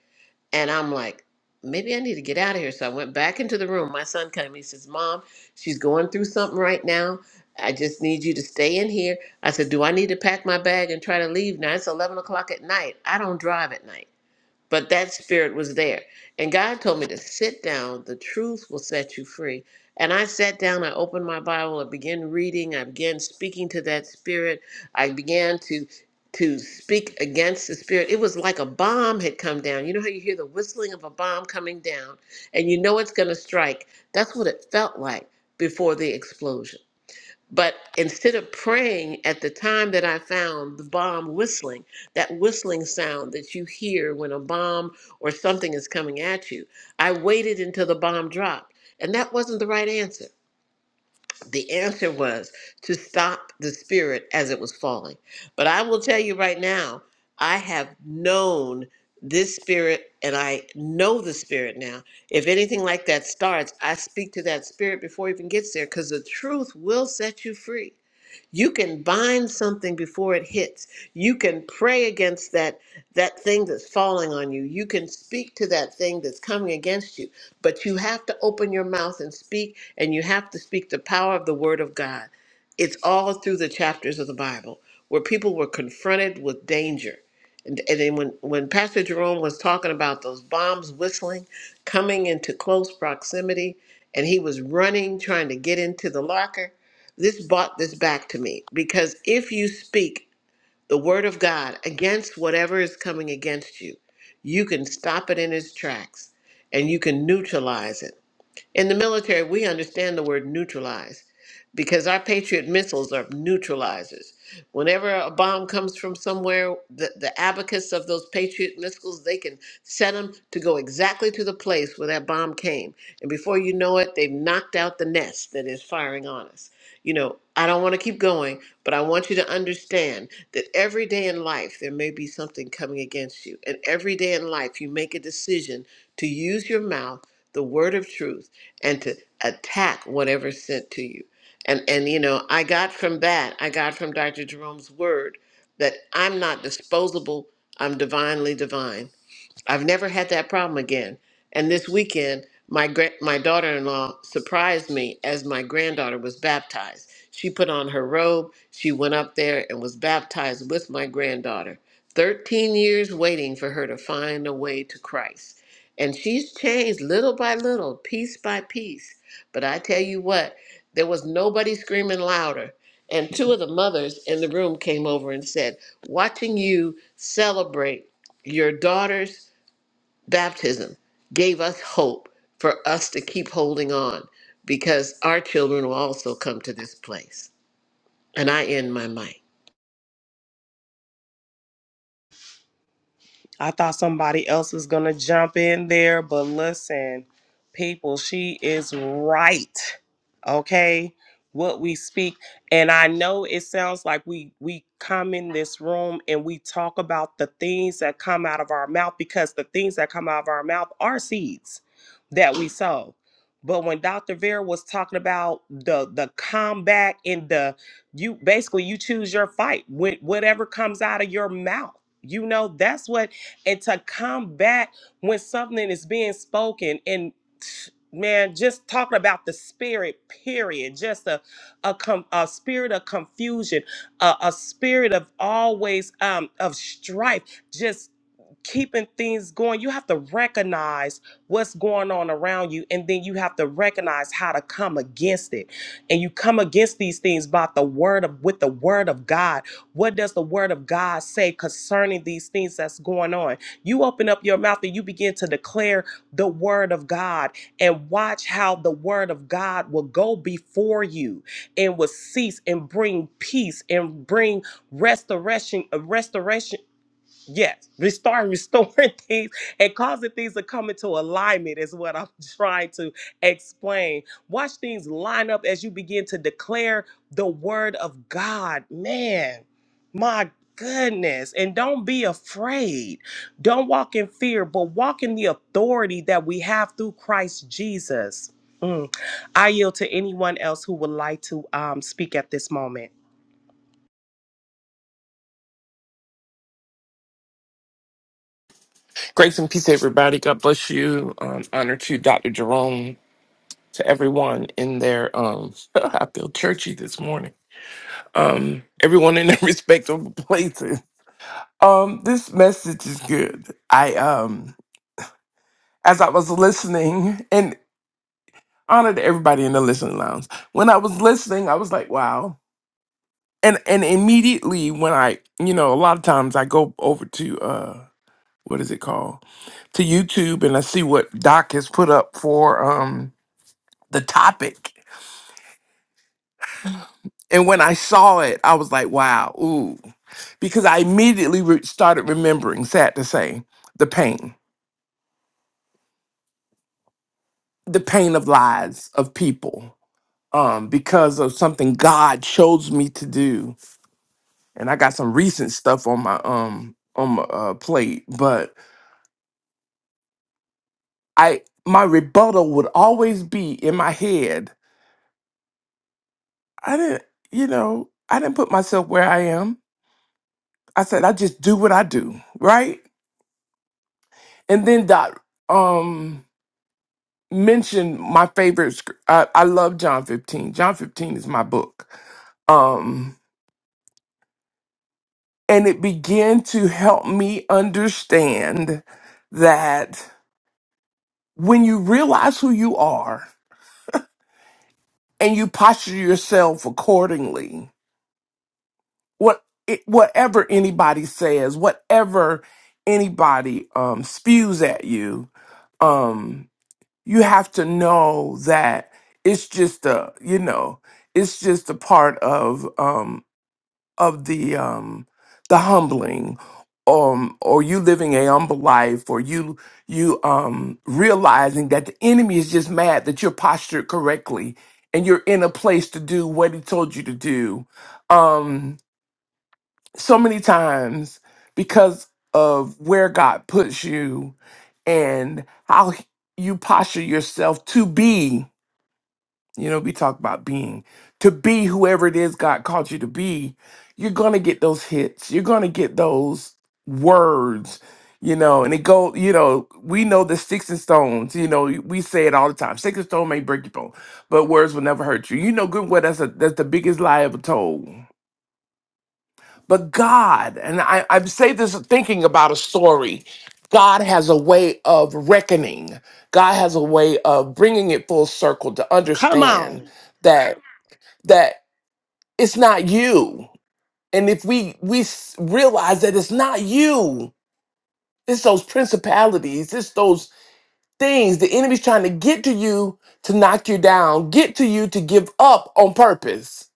S1: And I'm like, maybe I need to get out of here. So I went back into the room. My son came. He says, Mom, she's going through something right now. I just need you to stay in here. I said, Do I need to pack my bag and try to leave now? It's 11 o'clock at night. I don't drive at night but that spirit was there. And God told me to sit down. The truth will set you free. And I sat down, I opened my Bible, I began reading, I began speaking to that spirit. I began to to speak against the spirit. It was like a bomb had come down. You know how you hear the whistling of a bomb coming down and you know it's going to strike. That's what it felt like before the explosion. But instead of praying at the time that I found the bomb whistling, that whistling sound that you hear when a bomb or something is coming at you, I waited until the bomb dropped. And that wasn't the right answer. The answer was to stop the spirit as it was falling. But I will tell you right now, I have known this spirit and I know the spirit now. If anything like that starts, I speak to that spirit before it even gets there because the truth will set you free. You can bind something before it hits. You can pray against that that thing that's falling on you. You can speak to that thing that's coming against you. But you have to open your mouth and speak and you have to speak the power of the word of God. It's all through the chapters of the Bible where people were confronted with danger. And, and then when, when Pastor Jerome was talking about those bombs whistling, coming into close proximity, and he was running, trying to get into the locker, this brought this back to me because if you speak the word of God against whatever is coming against you, you can stop it in its tracks and you can neutralize it. In the military, we understand the word neutralize because our Patriot missiles are neutralizers. Whenever a bomb comes from somewhere, the, the abacus of those Patriot missiles, they can set them to go exactly to the place where that bomb came. And before you know it, they've knocked out the nest that is firing on us. You know, I don't want to keep going, but I want you to understand that every day in life, there may be something coming against you. And every day in life, you make a decision to use your mouth the word of truth and to attack whatever's sent to you. And and you know, I got from that, I got from Dr. Jerome's word that I'm not disposable, I'm divinely divine. I've never had that problem again. And this weekend, my gra- my daughter-in-law surprised me as my granddaughter was baptized. She put on her robe, she went up there and was baptized with my granddaughter. 13 years waiting for her to find a way to Christ. And she's changed little by little, piece by piece. But I tell you what, there was nobody screaming louder. And two of the mothers in the room came over and said, Watching you celebrate your daughters baptism gave us hope for us to keep holding on because our children will also come to this place. And I end my mic.
S4: I thought somebody else was going to jump in there, but listen, people, she is right. Okay? What we speak and I know it sounds like we we come in this room and we talk about the things that come out of our mouth because the things that come out of our mouth are seeds that we sow. But when Dr. Vera was talking about the the combat and the you basically you choose your fight with whatever comes out of your mouth. You know, that's what and to come back when something is being spoken and man just talking about the spirit period just a a, com- a spirit of confusion a, a spirit of always um of strife just keeping things going you have to recognize what's going on around you and then you have to recognize how to come against it and you come against these things by the word of with the word of god what does the word of god say concerning these things that's going on you open up your mouth and you begin to declare the word of God and watch how the word of God will go before you and will cease and bring peace and bring restoration, restoration Yes, restoring, restoring things and causing things to come into alignment is what I'm trying to explain. Watch things line up as you begin to declare the word of God. Man, my goodness. And don't be afraid. Don't walk in fear, but walk in the authority that we have through Christ Jesus. Mm. I yield to anyone else who would like to um, speak at this moment.
S6: Grace and peace, everybody. God bless you. Um, honor to Dr. Jerome, to everyone in their, um, I feel churchy this morning. Um, everyone in their respectable places. Um, this message is good. I, um, as I was listening, and honor to everybody in the listening lounge. When I was listening, I was like, wow. And and immediately when I, you know, a lot of times I go over to uh, what is it called? to YouTube and I see what Doc has put up for. um. the topic. And when I saw it, I was like, wow, ooh, because I immediately re- started remembering, sad to say, the pain, the pain of lies of people um, because of something God chose me to do. And I got some recent stuff on my um on my uh, plate, but I my rebuttal would always be in my head. I didn't, you know, I didn't put myself where I am. I said I just do what I do, right? And then that um mention my favorite. sc- I, I love John 15. John 15 is my book. Um, and it began to help me understand that when you realize who you are and you posture yourself accordingly, what it, whatever anybody says, whatever anybody um, spews at you, um, you have to know that it's just a you know it's just a part of um, of the um the humbling um or you living a humble life or you you um realizing that the enemy is just mad that you're postured correctly and you're in a place to do what he told you to do um so many times because of where God puts you and how he- you posture yourself to be you know, we talk about being to be whoever it is God called you to be. You're gonna get those hits. You're gonna get those words. You know, and it go. You know, we know the sticks and stones. You know, we say it all the time. Sticks and stone may break your bone, but words will never hurt you. You know, good well that's a, that's the biggest lie ever told. But God, and I I say this thinking about a story. God has a way of reckoning. God has a way of bringing it full circle to
S4: Come
S6: understand
S4: on.
S6: that that it's not you. And if we we s- realize that it's not you, it's those principalities, it's those things the enemy's trying to get to you to knock you down, get to you to give up on purpose,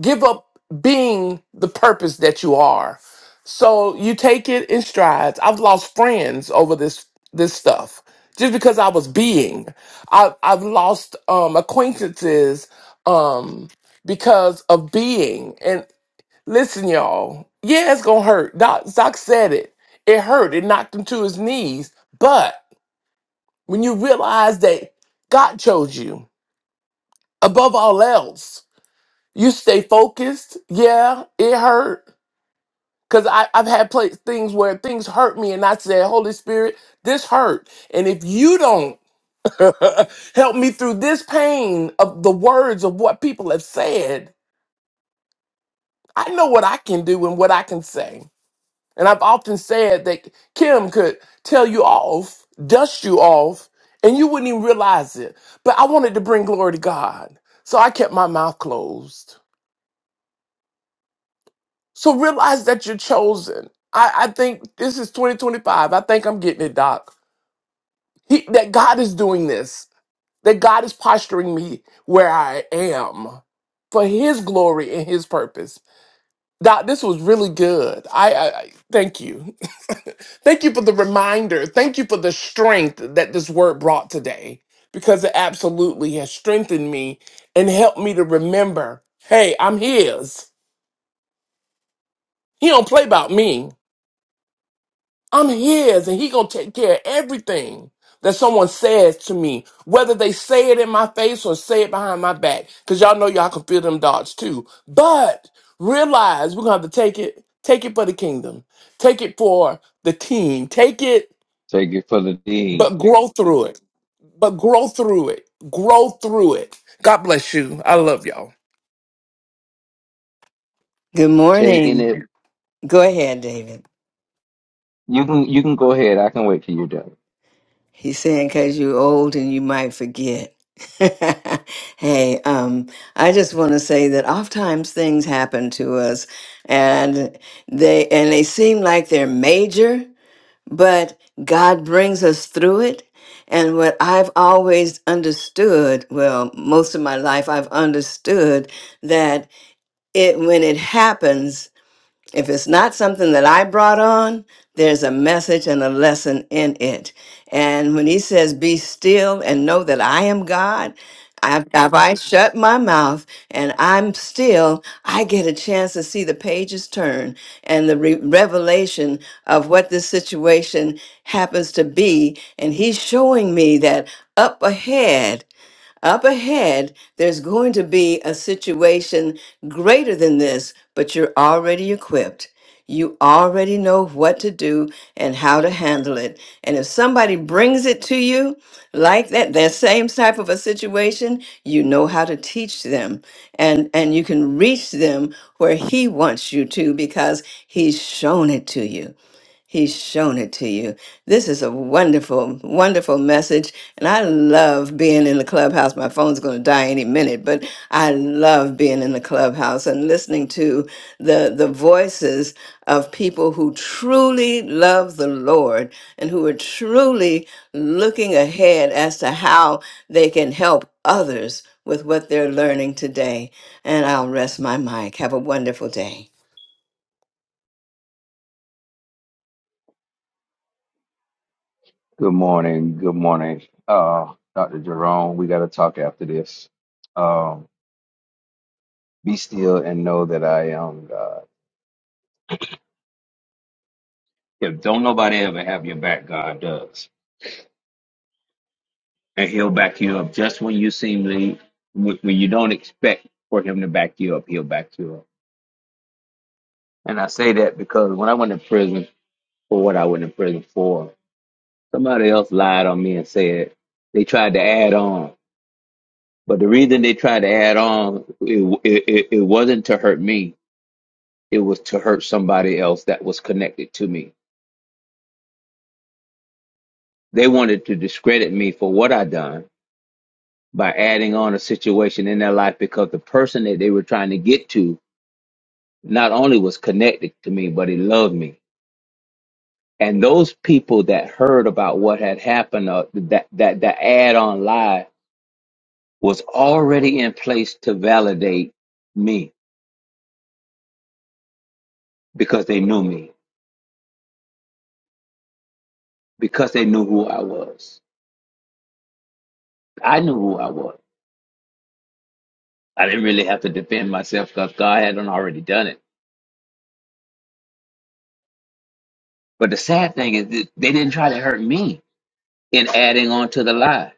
S6: give up being the purpose that you are. So you take it in strides. I've lost friends over this this stuff just because I was being. I, I've lost um, acquaintances um, because of being. Listen, y'all. Yeah, it's gonna hurt. Doc, Doc said it. It hurt. It knocked him to his knees. But when you realize that God chose you above all else, you stay focused. Yeah, it hurt. Cause I, I've had pla things where things hurt me, and I said, "Holy Spirit, this hurt." And if you don't help me through this pain of the words of what people have said, I know what I can do and what I can say. And I've often said that Kim could tell you off, dust you off, and you wouldn't even realize it. But I wanted to bring glory to God. So I kept my mouth closed. So realize that you're chosen. I, I think this is 2025. I think I'm getting it, Doc. He, that God is doing this, that God is posturing me where I am for His glory and His purpose. Doc, this was really good. I, I, I thank you. thank you for the reminder. Thank you for the strength that this word brought today because it absolutely has strengthened me and helped me to remember, hey, I'm his. He don't play about me. I'm his and he gonna take care of everything that someone says to me, whether they say it in my face or say it behind my back. Cause y'all know y'all can feel them dots too. But realize we're gonna have to take it, take it for the kingdom, take it for the team, take it,
S7: Take it for the D.
S6: but grow through it, but grow through it, grow through it. God bless you. I love y'all.
S8: Good
S7: Taking
S8: morning.
S7: it.
S8: Go ahead, David.
S7: You can you can go ahead. I can wait till you're done.
S8: He's saying because you're old and you might forget. hey, um, I just want to say that oftentimes things happen to us, and they and they seem like they're major, but God brings us through it. And what I've always understood, well, most of my life, I've understood that it when it happens If it's not something that I brought on, there's a message and a lesson in it. And when he says, Be still and know that I am God, I- if I shut my mouth and I'm still, I get a chance to see the pages turn and the re- revelation of what this situation happens to be. And he's showing me that up ahead. Up ahead, there's going to be a situation greater than this, but you're already equipped. You already know what to do and how to handle it. And if somebody brings it to you like that, that same type of a situation, you know how to teach them and, and you can reach them where he wants you to because he's shown it to you. He's shown it to you. This is a wonderful, wonderful message. And I love being in the clubhouse. My phone's going to die any minute, but I love being in the clubhouse and listening to the, the voices of people who truly love the Lord and who are truly looking ahead as to how they can help others with what they're learning today. And I'll rest my mic. Have a wonderful day.
S7: Good morning. Good morning. Uh, Dr. Jerome, we got to talk after this. Um, be still and know that I am God. If don't nobody ever have your back, God does, and He'll back you up just when you seemly when when you don't expect for Him to back you up. He'll back you up. And I say that because when I went in prison for what I went in prison for, somebody else lied on me and said they tried to add on. But the reason they tried to add on, it, it, it wasn't to hurt me. It was to hurt somebody else that was connected to me. They wanted to discredit me for what I done by adding on a situation in their life because the person that they were trying to get to not only was connected to me, but he loved me. And those people that heard about what had happened, uh, that that that add-on lie was already in place to validate me because they knew me, because they knew who I was I knew who I was. I didn't really have to defend myself because God had done already done it. But the sad thing is that they didn't try to hurt me in adding on to the lie.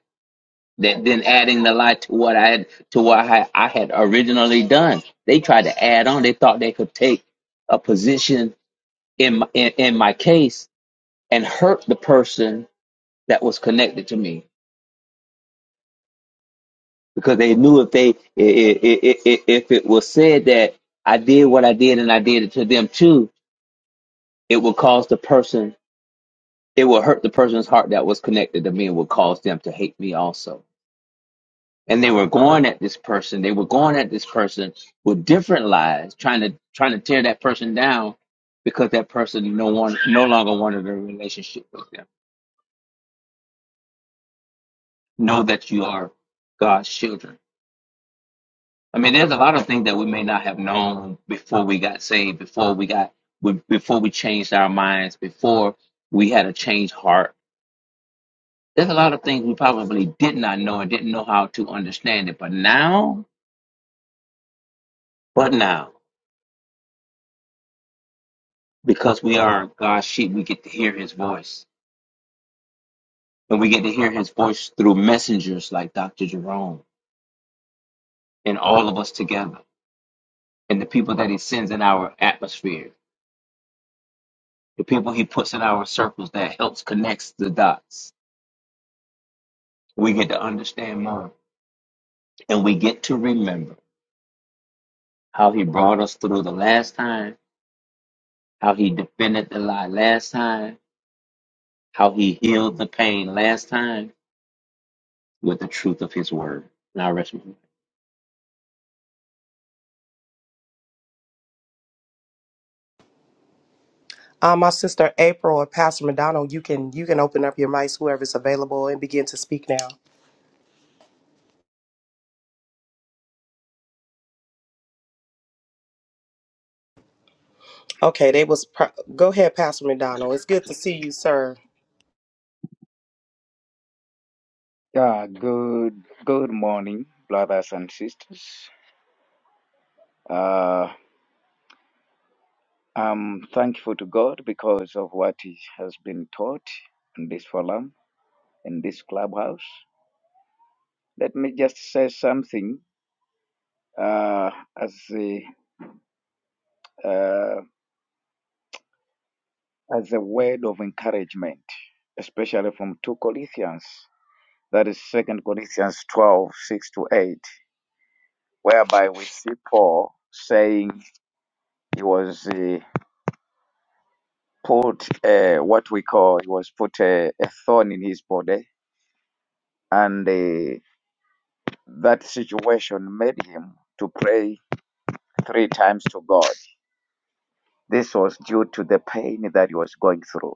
S7: That then adding the lie to what I had to what I had, I had originally done. They tried to add on. They thought they could take a position in my, in, in my case and hurt the person that was connected to me because they knew if they i- i- i- i- if it was said that I did what I did and I did it to them too, it would cause the person it will hurt the person's heart that was connected to me and would cause them to hate me also. And they were going at this person. They were going at this person with different lies, trying to trying to tear that person down because that person no one no longer wanted a relationship with them. Know that you are God's children. I mean, there's a lot of things that we may not have known before we got saved, before we got before we changed our minds, before we had a changed heart There's a lot of things we probably did not know and didn't know how to understand it. But now, but now, because we are God's sheep, we get to hear his voice. And we get to hear his voice through messengers like Dr. Jerome and all of us together and the people that he sends in our atmosphere, the people he puts in our circles that helps connects the dots. We get to understand more and we get to remember how he brought us through the last time, how he defended the lie last time, how he healed the pain last time with the truth of his word. Now, rest. my case.
S4: Uh, my sister April or Pastor McDonald, you can you can open up your mics, whoever's available, and begin to speak now. Okay, they was pro- go ahead, Pastor McDonald. It's good to see you, sir.
S9: Yeah, good good morning, brothers and sisters. Uh, I'm thankful to God because of what He has been taught in this forum, in this clubhouse. Let me just say something uh, as a uh, as a word of encouragement, especially from two Corinthians, that is Second Corinthians twelve six to eight, whereby we see Paul saying he was. uh, put uh, what we call he was put a, a thorn in his body, and uh, that situation made him to pray three times to God. This was due to the pain that he was going through.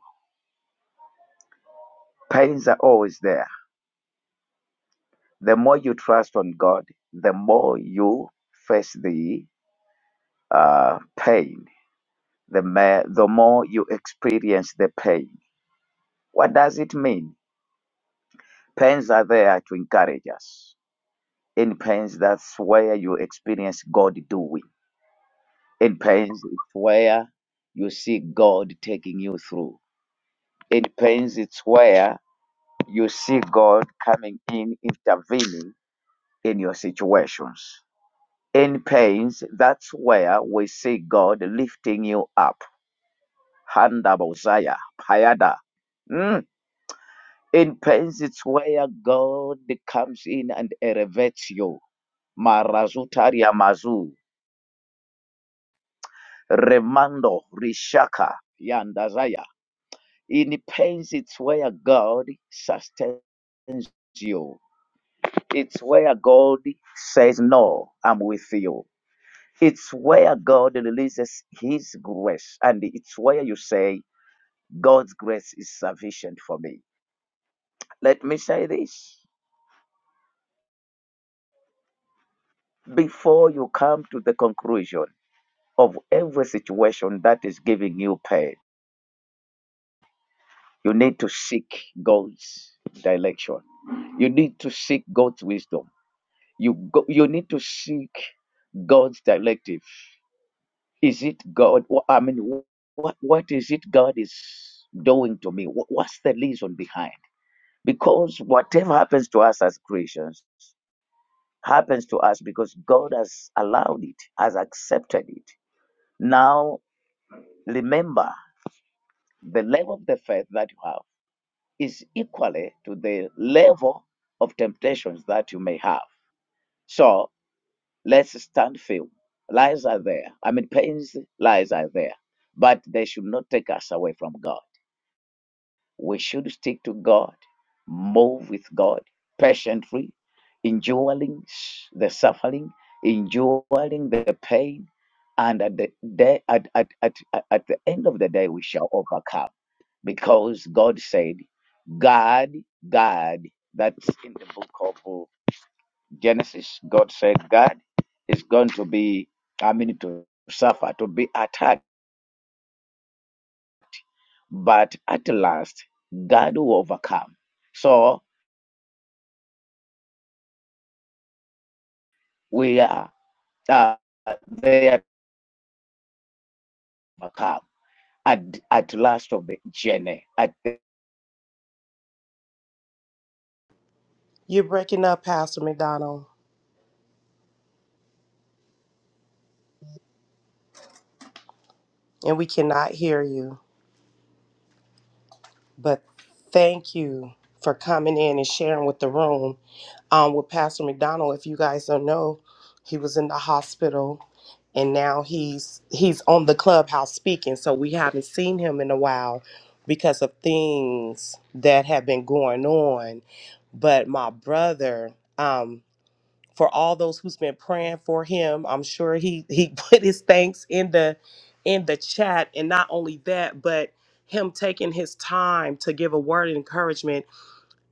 S9: Pains are always there. The more you trust on God, the more you face the uh, pain. The, ma- the more you experience the pain. What does it mean? Pains are there to encourage us In pains, that's where you experience God doing. In pains, it's where you see God taking you through. In pains, it's where you see God coming in, intervening in your situations. In pains, that's where we see God lifting you up. Handa Bozaya, Payada. Mm. In pains, it's where God comes in and elevates you. Marazutaria Mazu. Remando Rishaka Yandazaya. In pains, it's where God sustains you. It's where God says, No, I'm with you. It's where God releases His grace. And it's where you say, God's grace is sufficient for me. Let me say this before you come to the conclusion of every situation that is giving you pain, you need to seek God's direction You need to seek God's wisdom. You go, you need to seek God's directive. Is it God? wh- I mean, what what is it God is doing to me? Wh- What's the reason behind? Because whatever happens to us as Christians happens to us because God has allowed it, has accepted it. Now remember, the level of the faith that you have is equally to the level of temptations that you may have. So Let's stand firm. Lies are there. I mean, pains, lies are there. But they should not take us away from God. We should stick to God, move with God patiently, enduring the suffering, enduring the pain. And at the day, at, at, at, at at the end of the day, we shall overcome because God said, God, God, that's in the book of Genesis, God said, God is going to be, I mean, to suffer, to be attacked, but at last, God will overcome. So we are uh, there to overcome at, at last of the journey, at the
S4: You're breaking up, Pastor McDonald, and we cannot hear you. But thank you for coming in and sharing with the room. um, with Pastor McDonald. If you guys don't know, he was in the hospital and now he's he's on the clubhouse speaking. So we haven't seen him in a while because of things that have been going on. But my brother, um, for all those who's been praying for him, I'm sure he he put his thanks in the in the chat. And not only that, but him taking his time to give a word of encouragement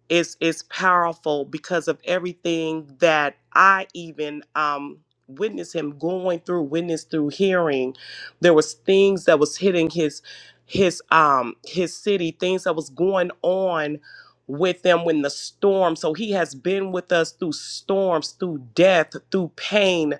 S4: is is powerful because of everything that I even um witnessed him going through, witnessed through hearing. There was things that was hitting his his um his city, things that was going on with them when the storm. So he has been with us through storms, through death, through pain,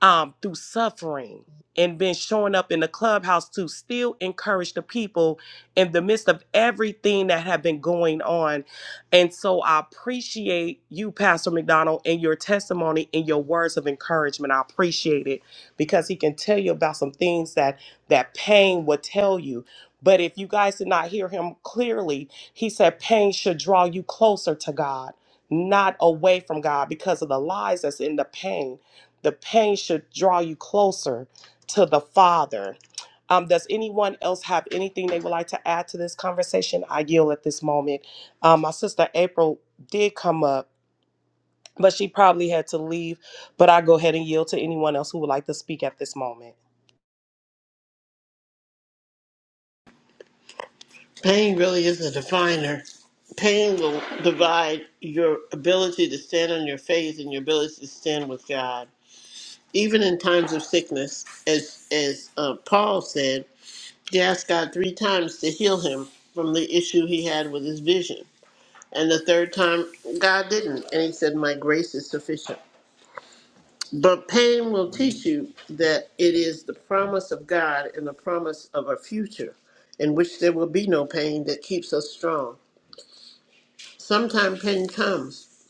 S4: um, through suffering and been showing up in the clubhouse to still encourage the people in the midst of everything that have been going on. And so I appreciate you, Pastor McDonald, and your testimony and your words of encouragement. I appreciate it because he can tell you about some things that that pain would tell you. But if you guys did not hear him clearly, he said pain should draw you closer to God, not away from God because of the lies that's in the pain the pain should draw you closer to the Father. Um, does anyone else have anything they would like to add to this conversation? I yield at this moment. Um, my sister April did come up, but she probably had to leave. But I go ahead and yield to anyone else who would like to speak at this moment.
S1: Pain really is a definer. Pain will divide your ability to stand on your faith and your ability to stand with God. Even in times of sickness, as, as uh, Paul said, he asked God three times to heal him from the issue he had with his vision. And the third time, God didn't. And he said, My grace is sufficient. But pain will teach you that it is the promise of God and the promise of a future in which there will be no pain that keeps us strong. Sometimes pain comes,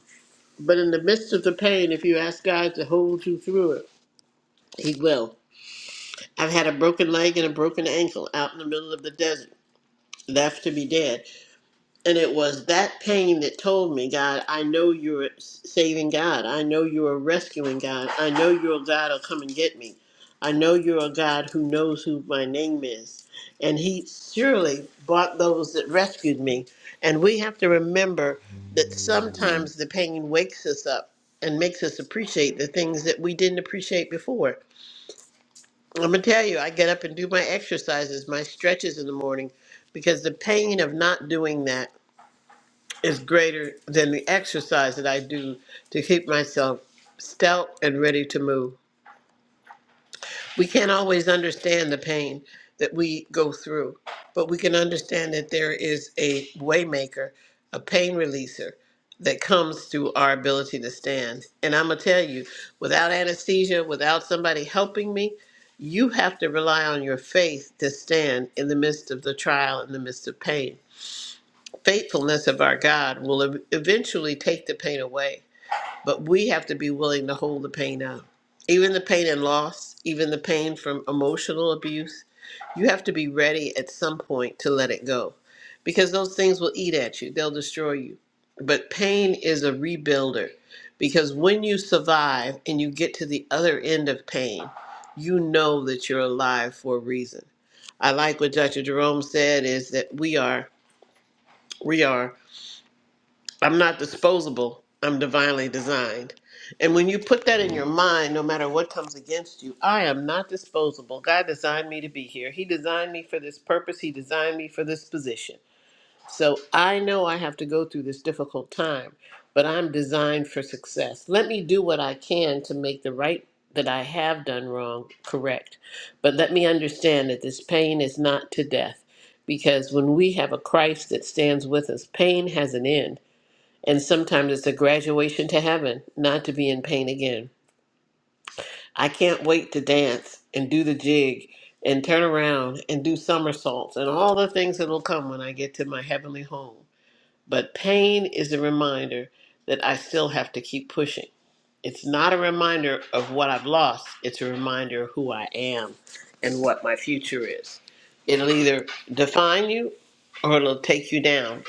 S1: but in the midst of the pain, if you ask God to hold you through it, He will. I've had a broken leg and a broken ankle out in the middle of the desert, left to be dead. And it was that pain that told me, God, I know you're a saving God. I know you're a rescuing God. I know you're a God who'll come and get me. I know you're a God who knows who my name is. And He surely bought those that rescued me. And we have to remember that sometimes the pain wakes us up and makes us appreciate the things that we didn't appreciate before. I'm going to tell you, I get up and do my exercises, my stretches in the morning, because the pain of not doing that is greater than the exercise that I do to keep myself stout and ready to move. We can't always understand the pain that we go through, but we can understand that there is a waymaker, a pain releaser that comes through our ability to stand. And I'm going to tell you, without anesthesia, without somebody helping me, you have to rely on your faith to stand in the midst of the trial, in the midst of pain faithfulness of our God will ev- eventually take the pain away, but we have to be willing to hold the pain up. Even the pain and loss, even the pain from emotional abuse, you have to be ready at some point to let it go because those things will eat at you, they'll destroy you. But pain is a rebuilder because when you survive and you get to the other end of pain, you know that you're alive for a reason. I like what Dr. Jerome said is that we are we are I'm not disposable. I'm divinely designed. And when you put that in your mind, no matter what comes against you, I am not disposable. God designed me to be here. He designed me for this purpose. He designed me for this position. So I know I have to go through this difficult time, but I'm designed for success. Let me do what I can to make the right that I have done wrong correct. But let me understand that this pain is not to death because when we have a Christ that stands with us, pain has an end and sometimes it's a graduation to heaven, not to be in pain again. I can't wait to dance and do the jig and turn around and do somersaults and all the things that'll come when I get to my heavenly home. But pain is a reminder that I still have to keep pushing. It's not a reminder of what I've lost, it's a reminder of who I am and what my future is. It'll either define you or it'll take you down.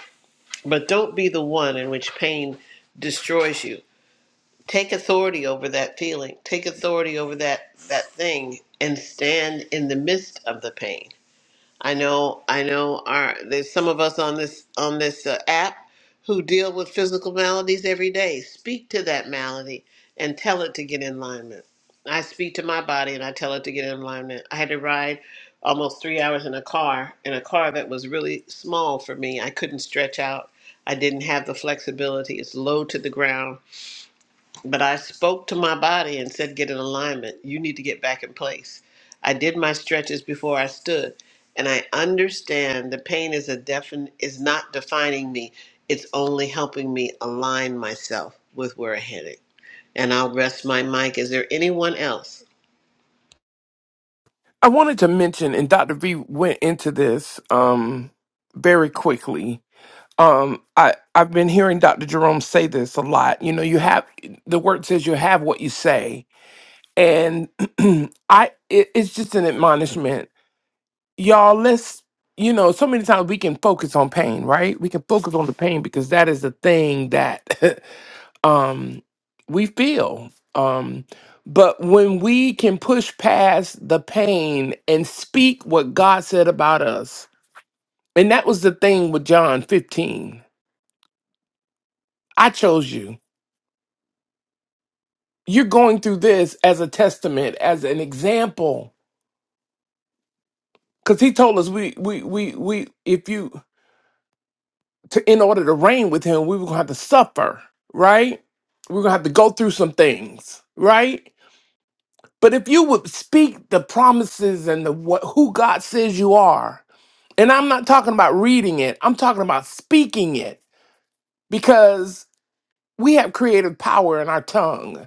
S1: But don't be the one in which pain destroys you take authority over that feeling take authority over that that thing and stand in the midst of the pain i know i know our there's some of us on this on this uh, app who deal with physical maladies every day speak to that malady and tell it to get in alignment i speak to my body and i tell it to get in alignment i had to ride almost three hours in a car in a car that was really small for me i couldn't stretch out i didn't have the flexibility it's low to the ground but I spoke to my body and said, Get in alignment. You need to get back in place. I did my stretches before I stood, and I understand the pain is a defin- is not defining me. It's only helping me align myself with where I'm headed. And I'll rest my mic. Is there anyone else?
S6: I wanted to mention, and Dr. V went into this, um, very quickly um i i've been hearing dr jerome say this a lot you know you have the word says you have what you say and i it, it's just an admonishment y'all let's you know so many times we can focus on pain right we can focus on the pain because that is the thing that um we feel um but when we can push past the pain and speak what god said about us and that was the thing with john 15 i chose you you're going through this as a testament, as an example. Because he told us we we we we if you to in order to reign with him, we were gonna have to suffer, right? We're gonna have to go through some things, right? But if you would speak the promises and the what who God says you are, and I'm not talking about reading it, I'm talking about speaking it, because we have creative power in our tongue,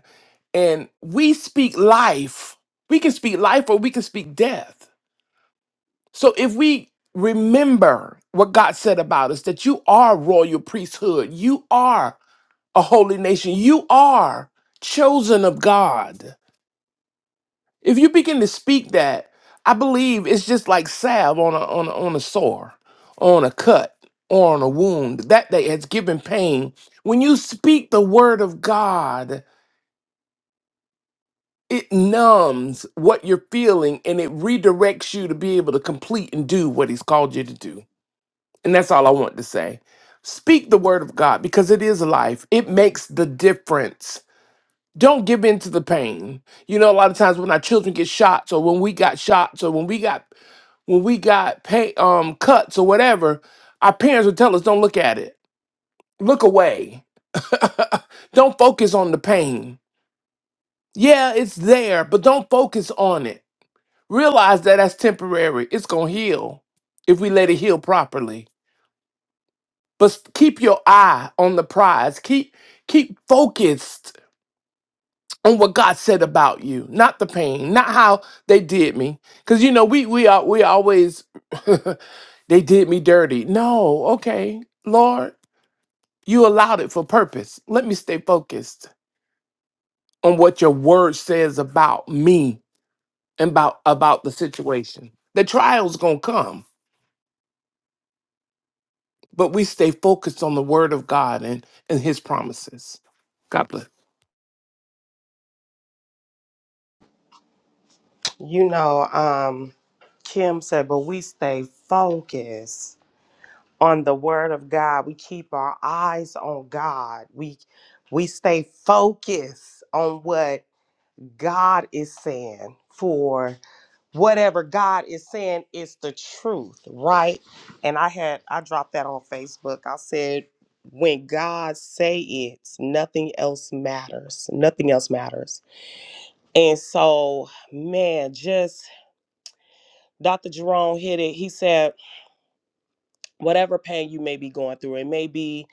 S6: and we speak life. We can speak life or we can speak death So if we remember what God said about us, that you are royal priesthood, you are a holy nation, you are chosen of God. If you begin to speak that, I believe it's just like salve on a on a, on a sore, on a cut, or on a wound that day has given pain. When you speak the word of God, it numbs what you're feeling and it redirects you to be able to complete and do what He's called you to do. And that's all I want to say. Speak the word of God because it is life. It makes the difference. Don't give in to the pain. You know, a lot of times when our children get shots or when we got shots or when we got when we got pay, um cuts or whatever, our parents would tell us don't look at it. Look away. don't focus on the pain. Yeah, it's there, but don't focus on it. Realize that that's temporary. It's going to heal if we let it heal properly. but keep your eye on the prize. Keep keep focused on what God said about you, not the pain, not how they did me. Cause you know we we are we always they did me dirty. No, okay, Lord, you allowed it for purpose. Let me stay focused on what your word says about me and about about the situation. The trial's gonna come, but we stay focused on the word of God and and His promises. God bless.
S4: You know, um, Kim said, but we stay focused on the Word of God. We keep our eyes on God. We we stay focused on what God is saying for whatever God is saying is the truth, right? And I had I dropped that on Facebook. I said when God say it, nothing else matters. Nothing else matters. And so, man, just Dr. Jerome hit it. He said, whatever pain you may be going through, it may be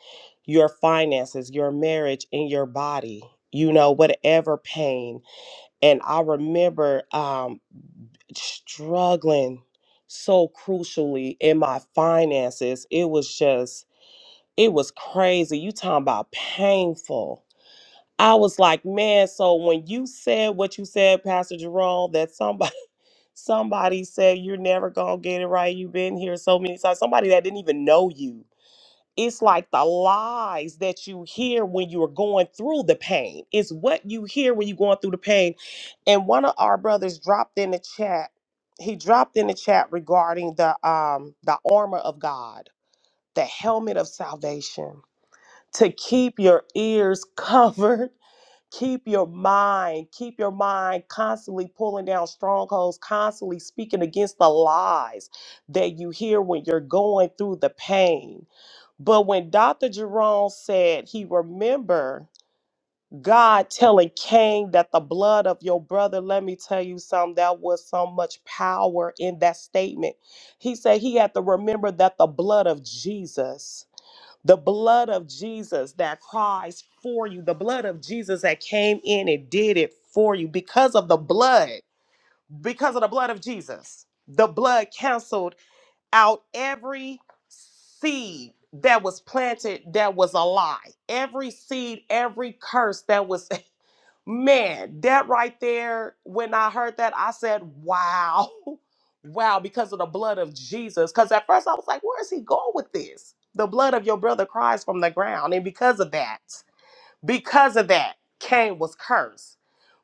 S4: your finances, your marriage, and your body, you know, whatever pain. And I remember um struggling so crucially in my finances. It was just, it was crazy. You talking about painful. I was like, man, so when you said what you said, Pastor Jerome, that somebody somebody said you're never gonna get it right. You've been here so many times. Somebody that didn't even know you it's like the lies that you hear when you are going through the pain. It's what you hear when you're going through the pain. And one of our brothers dropped in the chat. He dropped in the chat regarding the um the armor of God, the helmet of salvation, to keep your ears covered, keep your mind, keep your mind constantly pulling down strongholds, constantly speaking against the lies that you hear when you're going through the pain but when Dr. Jerome said he remembered God telling Cain that the blood of your brother, let me tell you something, that was so much power in that statement. He said he had to remember that the blood of Jesus, the blood of Jesus that cries for you, the blood of Jesus that came in and did it for you because of the blood, because of the blood of Jesus. The blood canceled out every seed that was planted that was a lie. Every seed, every curse that was, man, that right there, when I heard that, I said, wow, wow, because of the blood of Jesus. Because at first I was like, where is he going with this? The blood of your brother cries from the ground. And because of that, because of that, Cain was cursed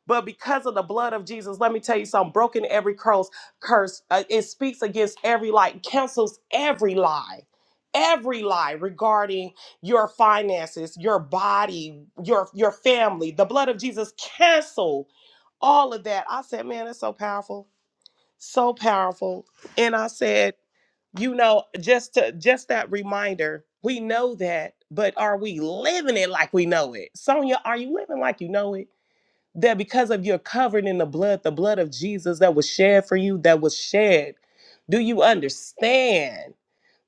S4: but because of the blood of Jesus, let me tell you something broken every curse, curse uh, it speaks against every lie, cancels every lie, every lie regarding your finances, your body, your, your family. The blood of Jesus cancel all of that. I said, man, that's so powerful, so powerful. And I said, you know, just to, just that reminder, we know that, but are we living it like we know it? Sonia, are you living like you know it? that because of your covered in the blood, the blood of Jesus that was shed for you, that was shed. Do you understand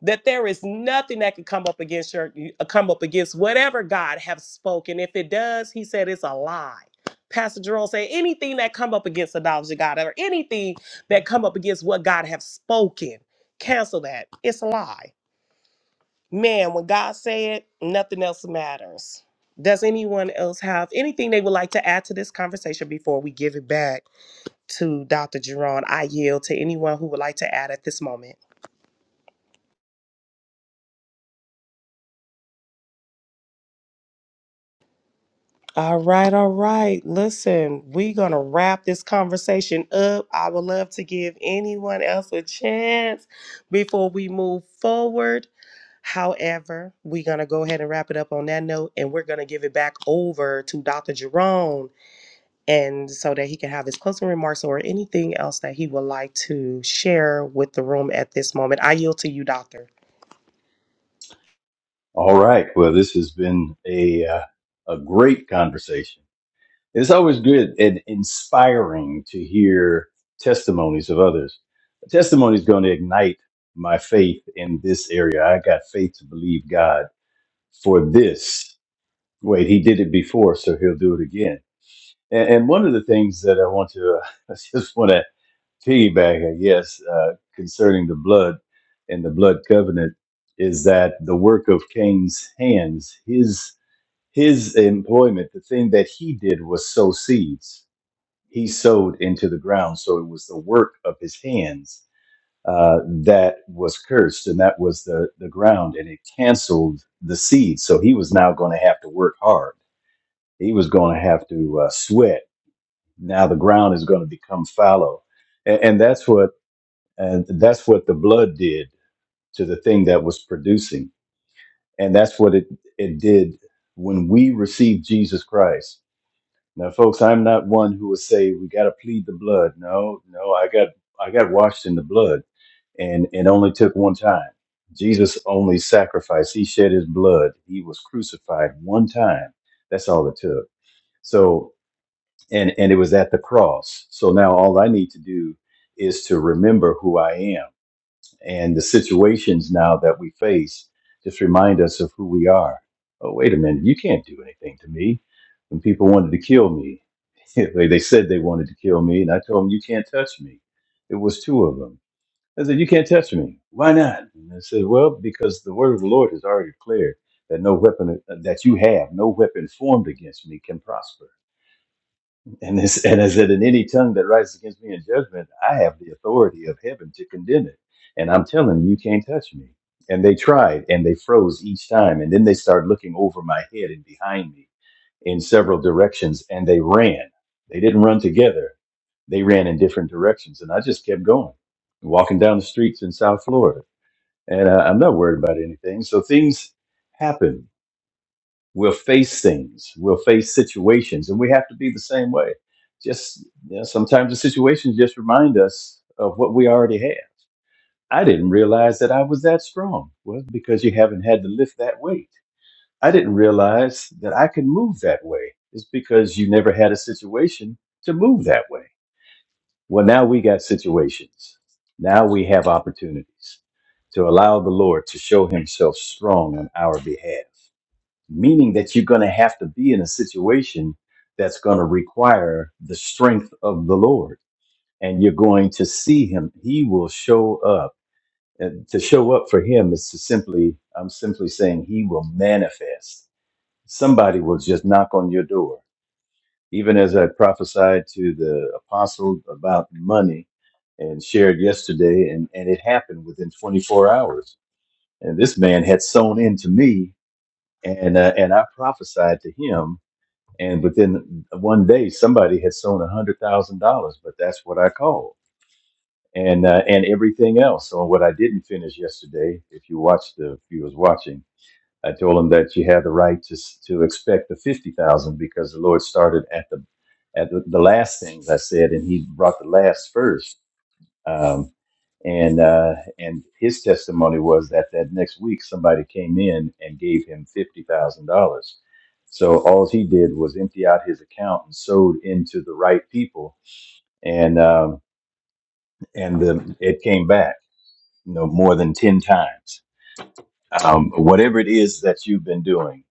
S4: that there is nothing that can come up against your uh, come up against whatever God have spoken? If it does, he said it's a lie. Pastor Jerome said anything that come up against the knowledge of God or anything that come up against what God have spoken, cancel that. It's a lie. Man, when God say it, nothing else matters. Does anyone else have anything they would like to add to this conversation before we give it back to Dr. Jerron? I yield to anyone who would like to add at this moment. All right, all right. Listen, we're going to wrap this conversation up. I would love to give anyone else a chance before we move forward. However, we're going to go ahead and wrap it up on that note, and we're going to give it back over to Dr. Jerome and so that he can have his closing remarks or anything else that he would like to share with the room at this moment. I yield to you, Doctor.
S3: All right. Well, this has been a uh, a great conversation. It's always good and inspiring to hear testimonies of others. A testimony is going to ignite my faith in this area. I got faith to believe God for this. Wait, he did it before, so he'll do it again. And, and one of the things that I want to, I just want to piggyback, I guess, uh, concerning the blood and the blood covenant is that the work of Cain's hands, his his employment, the thing that he did was sow seeds he sowed into the ground. So it was the work of his hands uh, that was cursed, and that was the, the ground, and it canceled the seed. So he was now going to have to work hard. He was going to have to uh, sweat. Now the ground is going to become fallow, and, and that's what and that's what the blood did to the thing that was producing, and that's what it it did when we received Jesus Christ Now, folks, I'm not one who would say we got to plead the blood. No, no, I got I got washed in the blood, and it only took one time. Jesus only sacrificed; he shed his blood. He was crucified one time. That's all it took. So, and and it was at the cross. So now all I need to do is to remember who I am and the situations now that we face just remind us of who we are. Oh, wait a minute, you can't do anything to me. When people wanted to kill me, they they said they wanted to kill me, and I told them, You can't touch me. It was two of them. I said, You can't touch me. Why not? And they said, Well, because the word of the Lord is already declared that no weapon uh, that you have, no weapon formed against me can prosper. And as, and as in any tongue that rises against me in judgment, I have the authority of heaven to condemn it. And I'm telling you, you can't touch me. And they tried and they froze each time. And then they started looking over my head and behind me in several directions and they ran. They didn't run together, they ran in different directions. And I just kept going, walking down the streets in South Florida. And uh, I'm not worried about anything. So things happen We'll face things. We'll face situations, and we have to be the same way. Just you know, sometimes the situations just remind us of what we already have. I didn't realize that I was that strong. Well, because you haven't had to lift that weight. I didn't realize that I could move that way. It's because you never had a situation to move that way. Well, now we got situations. Now we have opportunities to allow the Lord to show himself strong on our behalf meaning that you're going to have to be in a situation that's going to require the strength of the Lord. And you're going to see him. He will show up. And to show up for him is to simply, I'm simply saying, he will manifest. Somebody will just knock on your door. Even as I prophesied to the apostle about money and shared yesterday, and, and it happened within 24 hours. And this man had sown into me, and, uh, and I prophesied to him And within one day, somebody had sown a hundred thousand dollars, but that's what I called, and uh, and everything else. So what I didn't finish yesterday, if you watched the viewers watching, I told them that you have the right to s- to expect the fifty thousand because the Lord started at the at the, the last things I said, and He brought the last first. Um, and uh, and his testimony was that that next week somebody came in and gave him fifty thousand dollars. So all he did was empty out his account and sowed into the right people, and um, and the, it came back, you know, more than ten times. Um, whatever it is that you've been doing,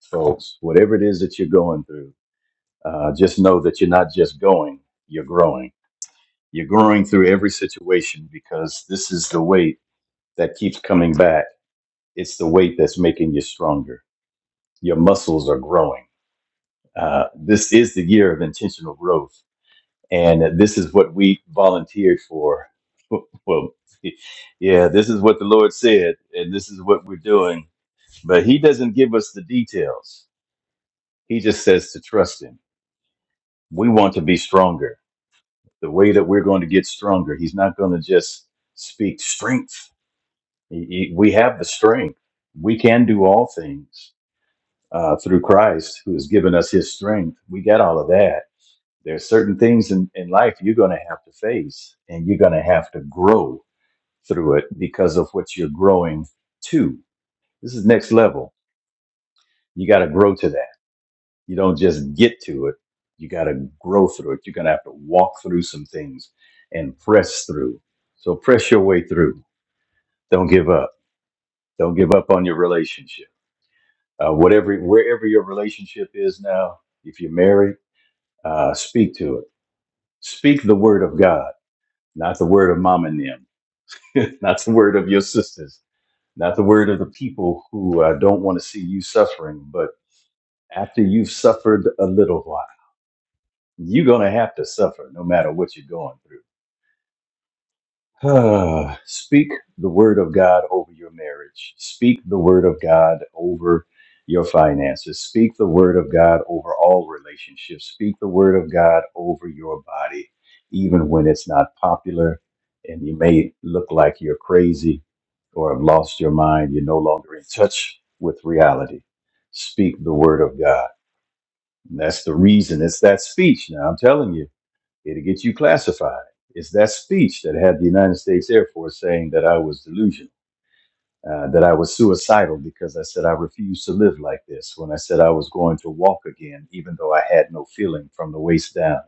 S3: folks, whatever it is that you're going through, uh, just know that you're not just going, you're growing. You're growing through every situation because this is the weight that keeps coming back It's the weight that's making you stronger. Your muscles are growing. Uh, this is the year of intentional growth. And this is what we volunteered for. Well, yeah, this is what the Lord said, and this is what we're doing. But He doesn't give us the details, He just says to trust Him. We want to be stronger. The way that we're going to get stronger, He's not going to just speak strength. He- he- We have the strength, we can do all things uh, through Christ, who has given us His strength. We got all of that. There's certain things in, in life you're going to have to face, and you're going to have to grow through it because of what you're growing to. This is next level. You got to grow to that. You don't just get to it. You got to grow through it. You're going to have to walk through some things and press through. So press your way through. Don't give up. Don't give up on your relationship. Uh, whatever, wherever your relationship is now, if you're married, uh, speak to it Speak the word of God, not the word of mom and them, not the word of your sisters, not the word of the people who uh, don't want to see you suffering. But after you've suffered a little while, you're going to have to suffer no matter what you're going through. Ah, Speak the word of God over your marriage. Speak the word of God over your finances. Speak the word of God over all relationships. Speak the word of God over your body, even when it's not popular and you may look like you're crazy or have lost your mind. You're no longer in touch with reality. Speak the word of God. And that's the reason. It's that speech. Now, I'm telling you. It'll get you classified. It's that speech that had the United States Air Force saying that I was delusional, uh, that I was suicidal because I said I refused to live like this, when I said I was going to walk again, even though I had no feeling from the waist down,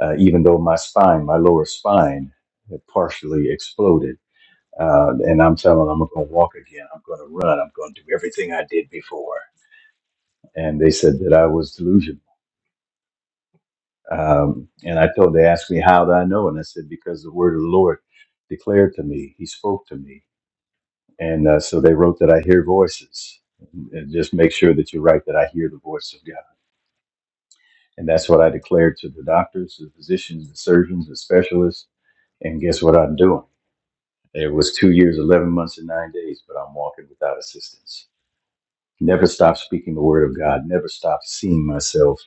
S3: uh, even though my spine, my lower spine, had partially exploded. Uh, and I'm telling them I'm going to walk again. I'm going to run. I'm going to do everything I did before. And they said that I was delusional Um, and I told, they asked me, how do I know? And I said, because the word of the Lord declared to me, he spoke to me. And uh, so they wrote that I hear voices. And just make sure that you're right, that I hear the voice of God. And that's what I declared to the doctors, the physicians, the surgeons, the specialists. And guess what I'm doing? It was two years, 11 months, and nine days, but I'm walking without assistance. never stop speaking the word of God, never stop seeing myself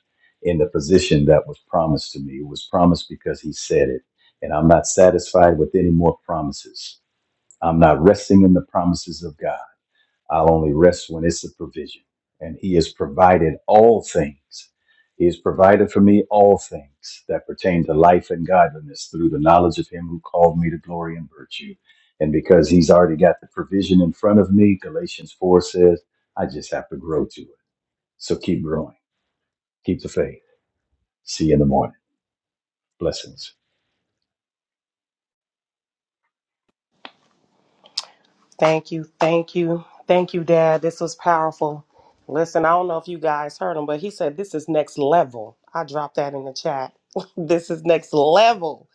S3: in the position that was promised to me. It was promised because he said it. And I'm not satisfied with any more promises. I'm not resting in the promises of God. I'll only rest when it's a provision. And He has provided all things. He has provided for me all things that pertain to life and godliness through the knowledge of Him who called me to glory and virtue. And because He's already got the provision in front of me, Galatians 4 says, I just have to grow to it. So keep growing, keep the faith. See you in the morning. Blessings.
S4: Thank you. Thank you. Thank you, Dad. This was powerful. Listen, I don't know if you guys heard him, but he said this is next level. I dropped that in the chat. this is next level.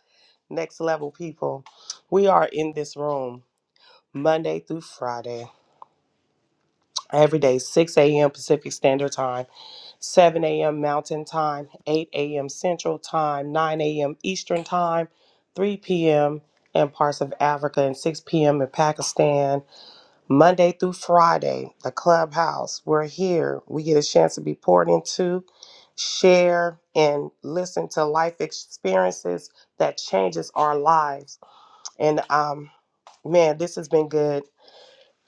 S4: Next level, people. We are in this room Monday through Friday, every day, 6 a.m. Pacific Standard Time. 7 a.m. Mountain Time, 8 a.m. Central Time, 9 a.m. Eastern Time, 3 p.m. in parts of Africa, and 6 p.m. in Pakistan. Monday through Friday, the clubhouse. We're here. We get a chance to be poured into, share, and listen to life experiences that changes our lives. And um, man, this has been good.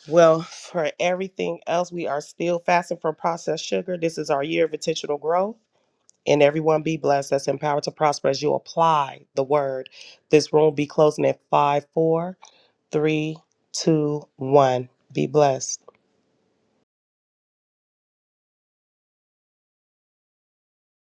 S4: Well, for everything else, we are still fasting from processed sugar. This is our year of intentional growth and everyone be blessed that's empowered to prosper as you apply the word. This room will be closing at five, four, three, two, one. Be blessed.